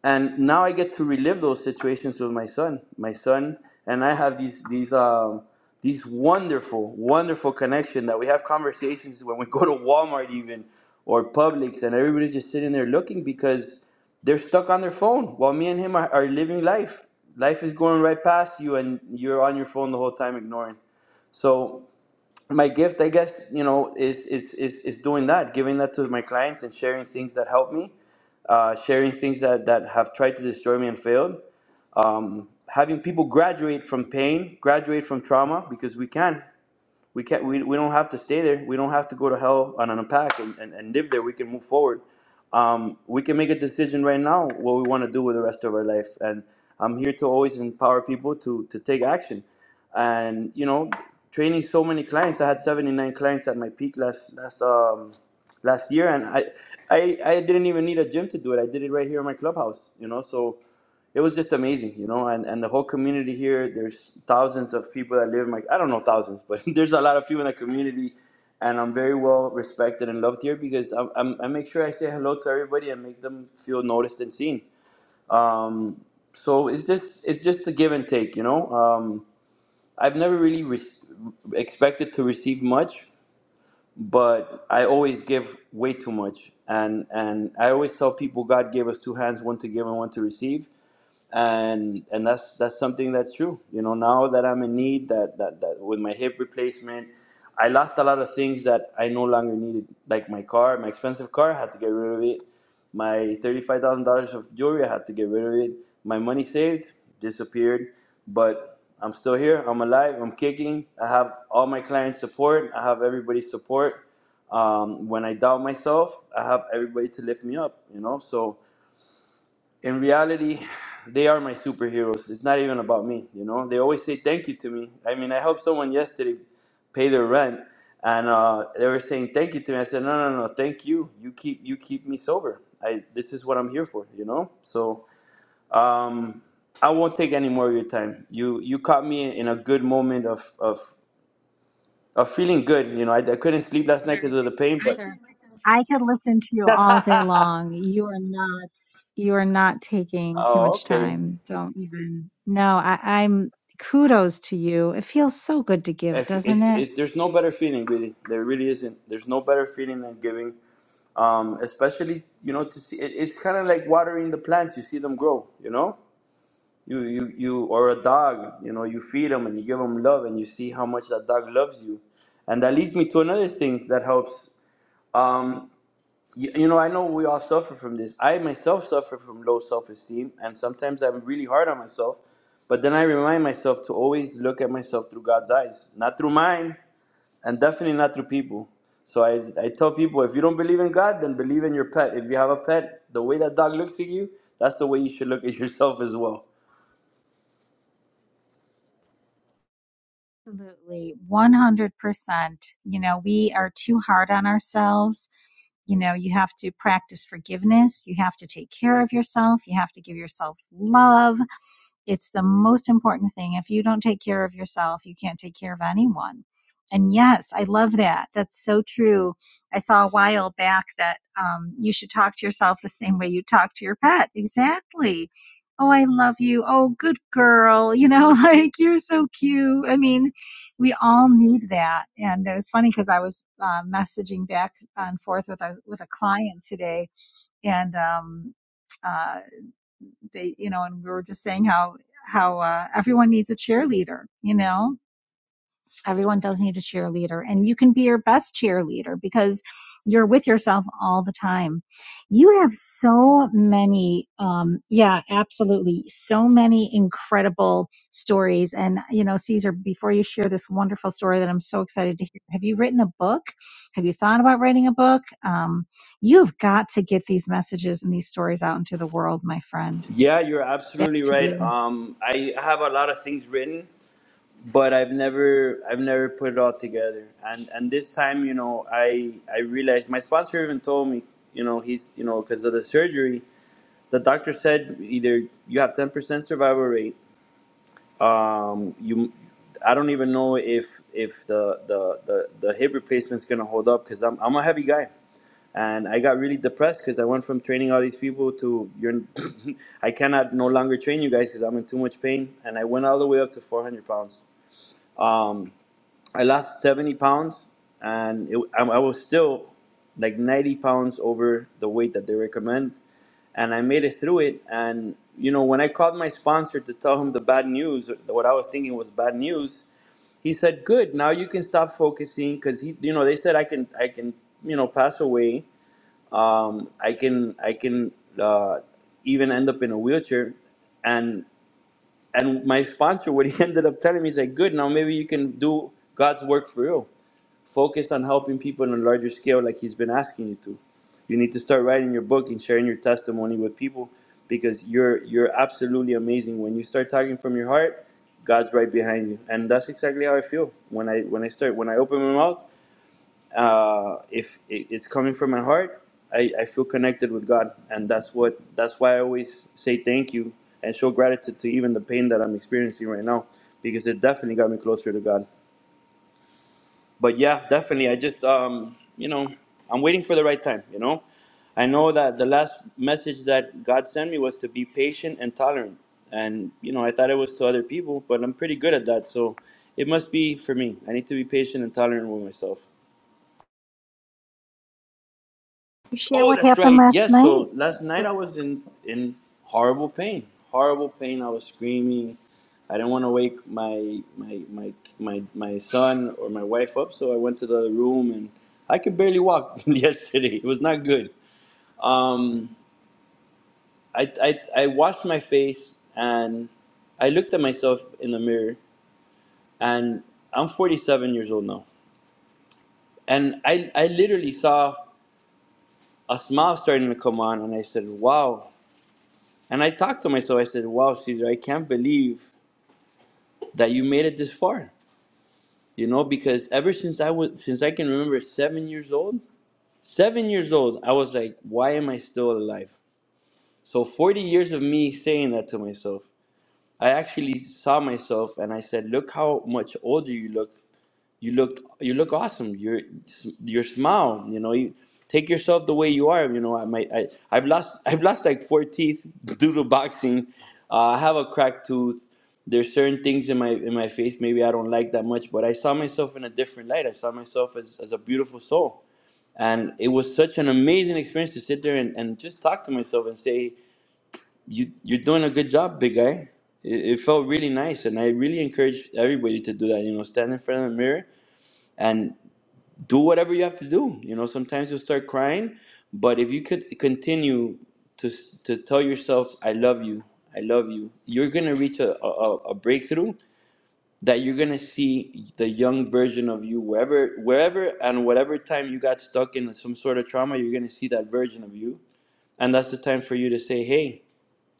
Speaker 4: And now I get to relive those situations with my son. My son and I have these these um, these wonderful, wonderful connection that we have conversations when we [laughs] go to Walmart even or Publix, and everybody's just sitting there looking because they're stuck on their phone while me and him are, are living life. Life is going right past you, and you're on your phone the whole time ignoring. So my gift i guess you know is is is, is doing that giving that to my clients and sharing things that help me uh, sharing things that that have tried to destroy me and failed um, having people graduate from pain graduate from trauma because we can we can't we, we don't have to stay there we don't have to go to hell and unpack and, and, and live there we can move forward um, we can make a decision right now what we want to do with the rest of our life and i'm here to always empower people to to take action and you know training so many clients i had 79 clients at my peak last last um last year and i i, I didn't even need a gym to do it i did it right here in my clubhouse you know so it was just amazing, you know, and, and the whole community here, there's thousands of people that live in my, I don't know thousands, but [laughs] there's a lot of people in the community and I'm very well respected and loved here because I, I'm, I make sure I say hello to everybody and make them feel noticed and seen. Um, so it's just, it's just a give and take, you know, um, I've never really re- expected to receive much, but I always give way too much. And, and I always tell people God gave us two hands, one to give and one to receive and and that's that's something that's true you know now that i'm in need that, that that with my hip replacement i lost a lot of things that i no longer needed like my car my expensive car i had to get rid of it my $35000 of jewelry i had to get rid of it my money saved disappeared but i'm still here i'm alive i'm kicking i have all my clients support i have everybody's support um, when i doubt myself i have everybody to lift me up you know so in reality, they are my superheroes. It's not even about me, you know. They always say thank you to me. I mean, I helped someone yesterday pay their rent, and uh, they were saying thank you to me. I said, no, no, no, thank you. You keep you keep me sober. I this is what I'm here for, you know. So um, I won't take any more of your time. You you caught me in, a good moment of of of feeling good. You know, I, I couldn't sleep last night because of the pain, but.
Speaker 1: Sir, I could listen to you all day
Speaker 4: [laughs]
Speaker 1: long. You are not, you are not taking too
Speaker 4: oh,
Speaker 1: much
Speaker 4: okay.
Speaker 1: time. Don't even. No, I, I'm kudos to you. It feels so good to give,
Speaker 4: if, if,
Speaker 1: doesn't it?
Speaker 4: if there's no better feeling really there really isn't there's no better feeling than giving um, especially you know to see it, it's kind of like watering the plants you see them grow you know you, you you or a dog you know you feed them and you give them love and you see how much that dog loves you and that leads me to another thing that helps um, you, you know i know we all suffer from this i myself suffer from low self-esteem and sometimes i'm really hard on myself but then I remind myself to always look at myself through God's eyes, not through mine and definitely not through people. So I, I tell people if you don't believe in God, then believe in your pet. If you have a pet, the way that dog looks at you, that's the way you should look at [laughs] yourself as well.
Speaker 1: Absolutely. 100%. You know, we are too hard on ourselves. You know, you have to practice forgiveness. You have to take care of yourself. You have to give yourself love. It's the most important thing. If you don't take care of yourself, you can't take care of anyone. And yes, I love that. That's so true. I saw a while back that um, you should talk to yourself the same way you talk to your pet. Exactly. Oh, I love you. Oh, good girl. You know, [laughs] like you're so cute. I mean, we all need that. And it was funny because I was uh, messaging back and forth with a with a client today, and um, uh, they you know and we were just saying how how uh, everyone needs a cheerleader you know everyone does need a cheerleader and you can be your best cheerleader because you're with yourself all the time you have so many um yeah absolutely so many incredible stories and you know caesar before you share this wonderful story that i'm so excited to hear have you written a book have you thought about writing a book um, you've got to get these messages and these stories out into the world my friend
Speaker 4: Yeah, you're
Speaker 1: Back
Speaker 4: absolutely
Speaker 1: to
Speaker 4: right.
Speaker 1: you.
Speaker 4: Um, I have a lot of things written, but I've never I've never put it all together. And and this time, you know, I I realized my sponsor even told me, you know, he's you know because of the surgery, the doctor said either you have ten percent survival rate um you i don't even know if if the the the, the hip replacement's gonna hold up because I'm, I'm a heavy guy and i got really depressed because i went from training all these people to you're [laughs] i cannot no longer train you guys because i'm in too much pain and i went all the way up to 400 pounds um I lost 70 pounds, and it, I, I was still like 90 pounds over the weight that they recommend. And I made it through it. And, you know, when I called my sponsor to tell him the bad news, what I was thinking was bad news, he said, "Good. Now you can stop focusing because he, you know, they said I can, I can, you know, pass away. Um, I can, I can uh, even end up in a wheelchair." And and my sponsor, what he [laughs] ended up telling me, is like, good, now maybe you can do God's work for you, Focus on helping people on a larger scale, like He's been asking you to. You need to start writing your book and sharing your testimony with people because you're you're absolutely amazing. When you start talking from your heart, God's right behind you, and that's exactly how I feel when I when I start when I open my mouth uh, if it's coming from my heart, I, I feel connected with God, and that's what that's why I always say thank you and show gratitude to even the pain that I'm experiencing right now, because it definitely got me closer to God. But yeah, definitely, I just um, you know I'm waiting for the right time. You know, I know that the last message that God sent me was to be patient and tolerant, and you know I thought it was to other people, but I'm pretty good at that, so it must be for me. I need to be patient and tolerant with myself.
Speaker 1: You share
Speaker 4: Oh,
Speaker 1: what
Speaker 4: that's
Speaker 1: happened
Speaker 4: right.
Speaker 1: last
Speaker 4: Yes.
Speaker 1: night
Speaker 4: So last night
Speaker 1: Well,
Speaker 4: I was in in horrible pain. Horrible pain. I was screaming. I didn't want to wake my my my my my son or my wife up, so I went to the other room and I could barely walk [laughs] yesterday. It was not good. Um, I, I I washed my face and I looked at myself in the mirror and I'm 47 years old now. And I I literally saw a smile starting to come on and I said, "Wow, And I talked to myself. I said, "Wow, Caesar, I can't believe that you made it this far." You know, because ever since I was, since I can remember, seven years old, seven years old, I was like, "Why am I still alive?" So forty years of me saying that to myself, I actually saw myself, and I said, "Look how much older you look you looked you look awesome your your smile you know you take yourself the way you are you know i might i i've lost [laughs] i've lost like four teeth due to boxing uh, i have a cracked tooth there's certain things in my in my face maybe i don't like that much but i saw myself in a different light i saw myself as, as a beautiful soul and it was such an amazing experience to sit there and, and just talk to myself and say you you're doing a good job big guy it, it felt really nice and i really encourage everybody to do that you know stand in front of the mirror and do whatever you have to do. You know, sometimes you'll start crying, but if you could continue to to tell yourself, "I love you, I love you," you're gonna reach a a, a breakthrough that you're gonna see the young version of you wherever wherever and whatever time you got stuck in some sort of trauma, you're gonna see that version of you, and that's the time for you to say, "Hey."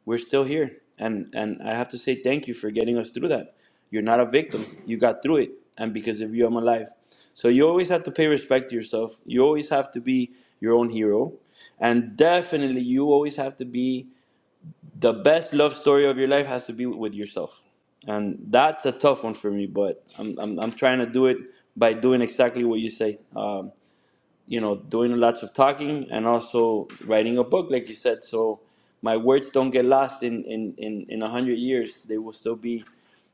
Speaker 4: we're still here and and i have to say thank you for getting us through that you're not a victim you got through it and because of you i'm alive so you always have to pay respect to yourself you always have to be your own hero and definitely you always have to be the best love story of your life has to be with yourself and that's a tough one for me but i'm, I'm, I'm trying to do it by doing exactly what you say Um, you know, doing lots of talking and also writing a book, like you said. So my words don't get lost in in in in a hundred years; they will still be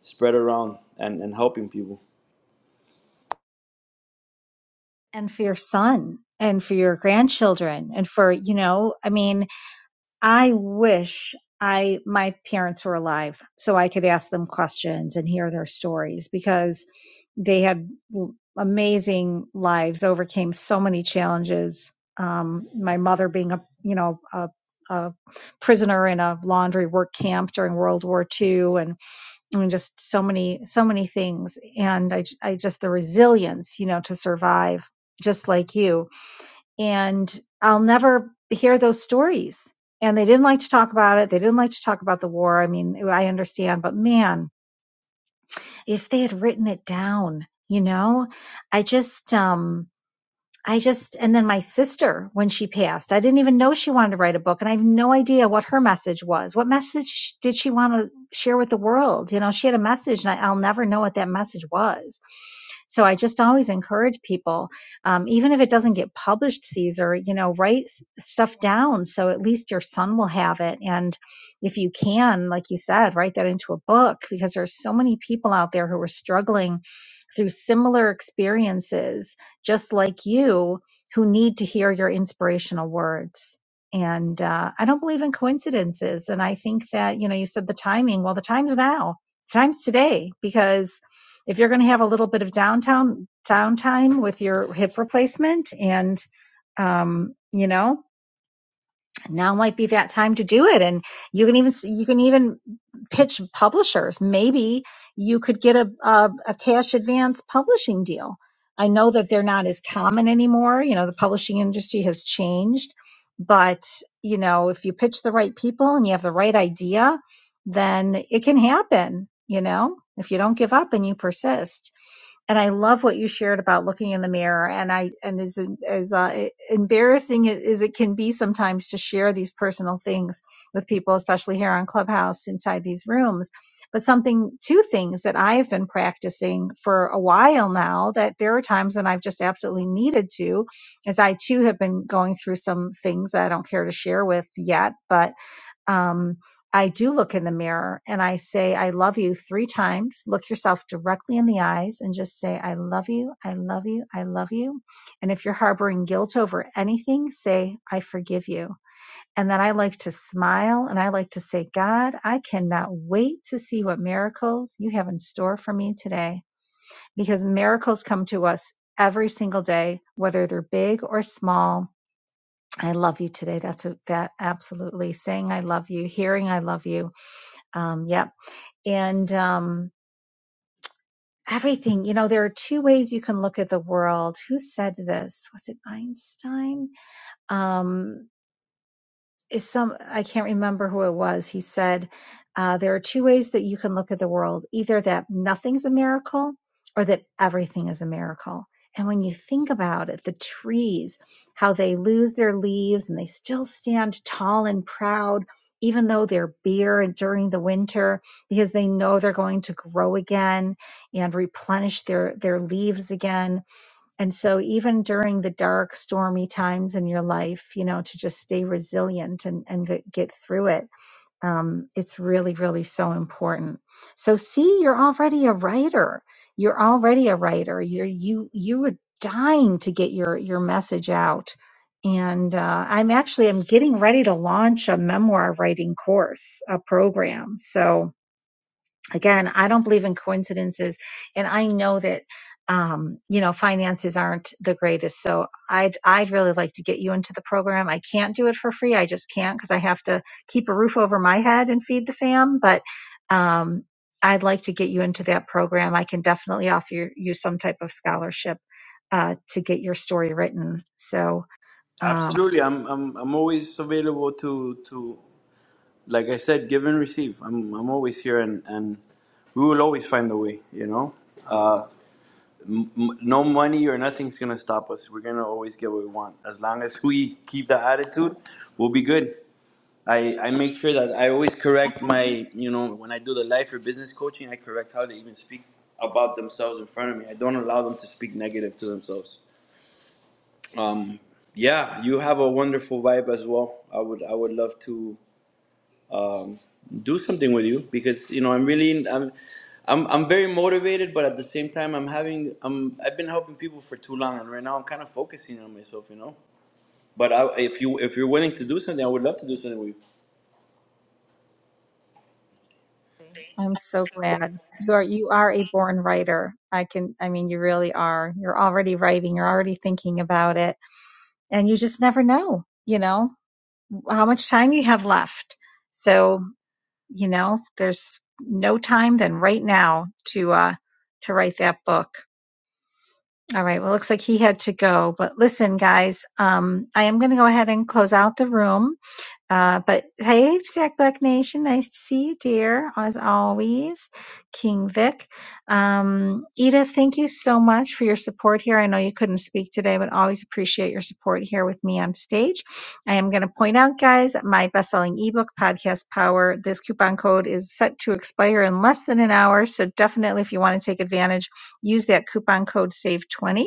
Speaker 4: spread around and and helping people.
Speaker 1: and for your son and for your grandchildren and for, you know, I mean, I wish I my parents were alive so I could ask them questions and hear their stories because they had amazing lives, overcame so many challenges. Um, my mother being a you know a, a prisoner in a laundry work camp during World War II, and I mean, just so many so many things, and I I just the resilience you know to survive just like you and I'll never hear those stories. And they didn't like to talk about it. They didn't like to talk about the war. I mean, I understand, but man, if they had written it down, you know, I just, um, I just, and then my sister, when she passed, I didn't even know she wanted to write a book. And I have no idea what her message was. What message did she want to share with the world? You know, she had a message and I, I'll never know what that message was so I just always encourage people, um, even if it doesn't get published, Caesar, you know, write s- stuff down so at least your son will have it. And if you can, like you said, write that into a book because there's so many people out there who are struggling through similar experiences, just like you, who need to hear your inspirational words. And uh, I don't believe in coincidences. And I think that, you know, you said the timing. Well, the time's now. The time's today because if you're going to have a little bit of downtown downtime with your hip replacement and um you know now might be that time to do it and you can even you can even pitch publishers maybe you could get a a, a cash advance publishing deal i know that they're not as common anymore you know the publishing industry has changed but you know if you pitch the right people and you have the right idea then it can happen you know if you don't give up and you persist and I love what you shared about looking in the mirror. And I and as as uh, embarrassing as it can be sometimes to share these personal things with people, especially here on Clubhouse inside these rooms. But something, two things that I have been practicing for a while now that there are times when I've just absolutely needed to, as I too have been going through some things that I don't care to share with yet, but um, I do look in the mirror and I say, I love you three times. Look yourself directly in the eyes and just say, I love you, I love you, I love you. And if you're harboring guilt over anything, say, I forgive you. And then I like to smile and I like to say, God, I cannot wait to see what miracles you have in store for me today because miracles come to us every single day, whether they're big or small. I love you today. That's a, that absolutely saying I love you, hearing I love you, um, Yeah, and um, everything. You know, there are two ways you can look at the world. Who said this? Was it Einstein? Um, is some I can't remember who it was. He said uh, there are two ways that you can look at the world: either that nothing's a miracle, or that everything is a miracle. And when you think about it, the trees, how they lose their leaves and they still stand tall and proud, even though they're bare during the winter, because they know they're going to grow again and replenish their, their leaves again and so, even during the dark, stormy times in your life, you know, to just stay resilient and, and get, get through it, um, it's really, really so important. So, see, you're already a writer. You're already a writer. You're, you, you were dying to get your, your message out. And uh, I'm actually, I'm getting ready to launch a memoir writing course, a program. So, again, I don't believe in coincidences. And I know that, um, you know, finances aren't the greatest. So I'd, I'd really like to get you into the program. I can't do it for free. I just can't because I have to keep a roof over my head and feed the fam. But, um, I'd like to get you into that program. I can definitely offer you, you some type of scholarship, uh, to get your story written. So, um,
Speaker 4: Absolutely, I'm I'm I'm always available to to like I said, give and receive. I'm I'm always here, and and we will always find a way. You know. Uh, m- no money or nothing's gonna stop us. We're gonna always get what we want. As long as we keep that attitude, we'll be good. I, I make sure that I always correct my, you know, when I do the life or business coaching, I correct how they even speak about themselves in front of me. I don't allow them to speak negative to themselves. Um, yeah, you have a wonderful vibe as well. I would I would love to um, do something with you because you know I'm really I'm, I'm I'm very motivated, but at the same time I'm having I'm I've been helping people for too long, and right now I'm kind of focusing on myself, you know. But I, if you if you're willing to do something, I would love to do something with you.
Speaker 1: I'm so glad you are you are a born writer. I can I mean you really are. You're already writing, you're already thinking about it and you just never know, you know, how much time you have left. So, you know, there's no time than right now to uh to write that book. All right. Well, it looks like he had to go, but listen guys, um I am going to go ahead and close out the room. Uh, but hey, Zach Black Nation, nice to see you, dear, as always. King Vic. Um, Ida, thank you so much for your support here. I know you couldn't speak today, but always appreciate your support here with me on stage. I am going to point out, guys, my best selling ebook, Podcast Power, this coupon code is set to expire in less than an hour. So definitely, if you want to take advantage, use that coupon code SAVE20.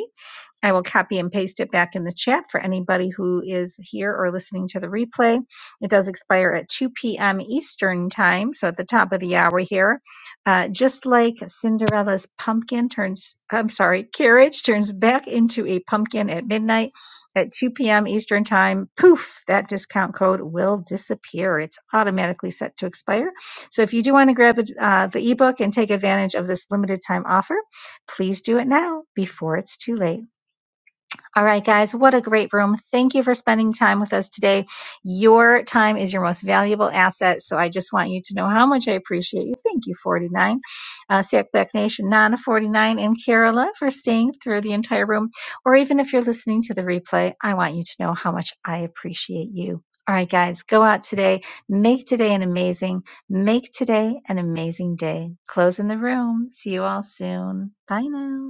Speaker 1: I will copy and paste it back in the chat for anybody who is here or listening to the replay. It does expire at 2 p.m. Eastern Time, so at the top of the hour here. Uh, just like Cinderella's pumpkin turns, I'm sorry, carriage turns back into a pumpkin at midnight at 2 p.m. Eastern Time. Poof, that discount code will disappear. It's automatically set to expire. So if you do want to grab uh, the ebook and take advantage of this limited time offer, please do it now before it's too late. All right, guys, what a great room. Thank you for spending time with us today. Your time is your most valuable asset. So I just want you to know how much I appreciate you. Thank you, 49. Uh, Sack Black Nation, Nana 49, and Carola for staying through the entire room. Or even if you're listening to the replay, I want you to know how much I appreciate you. All right, guys, go out today. Make today an amazing, make today an amazing day. Closing the room. See you all soon. Bye now.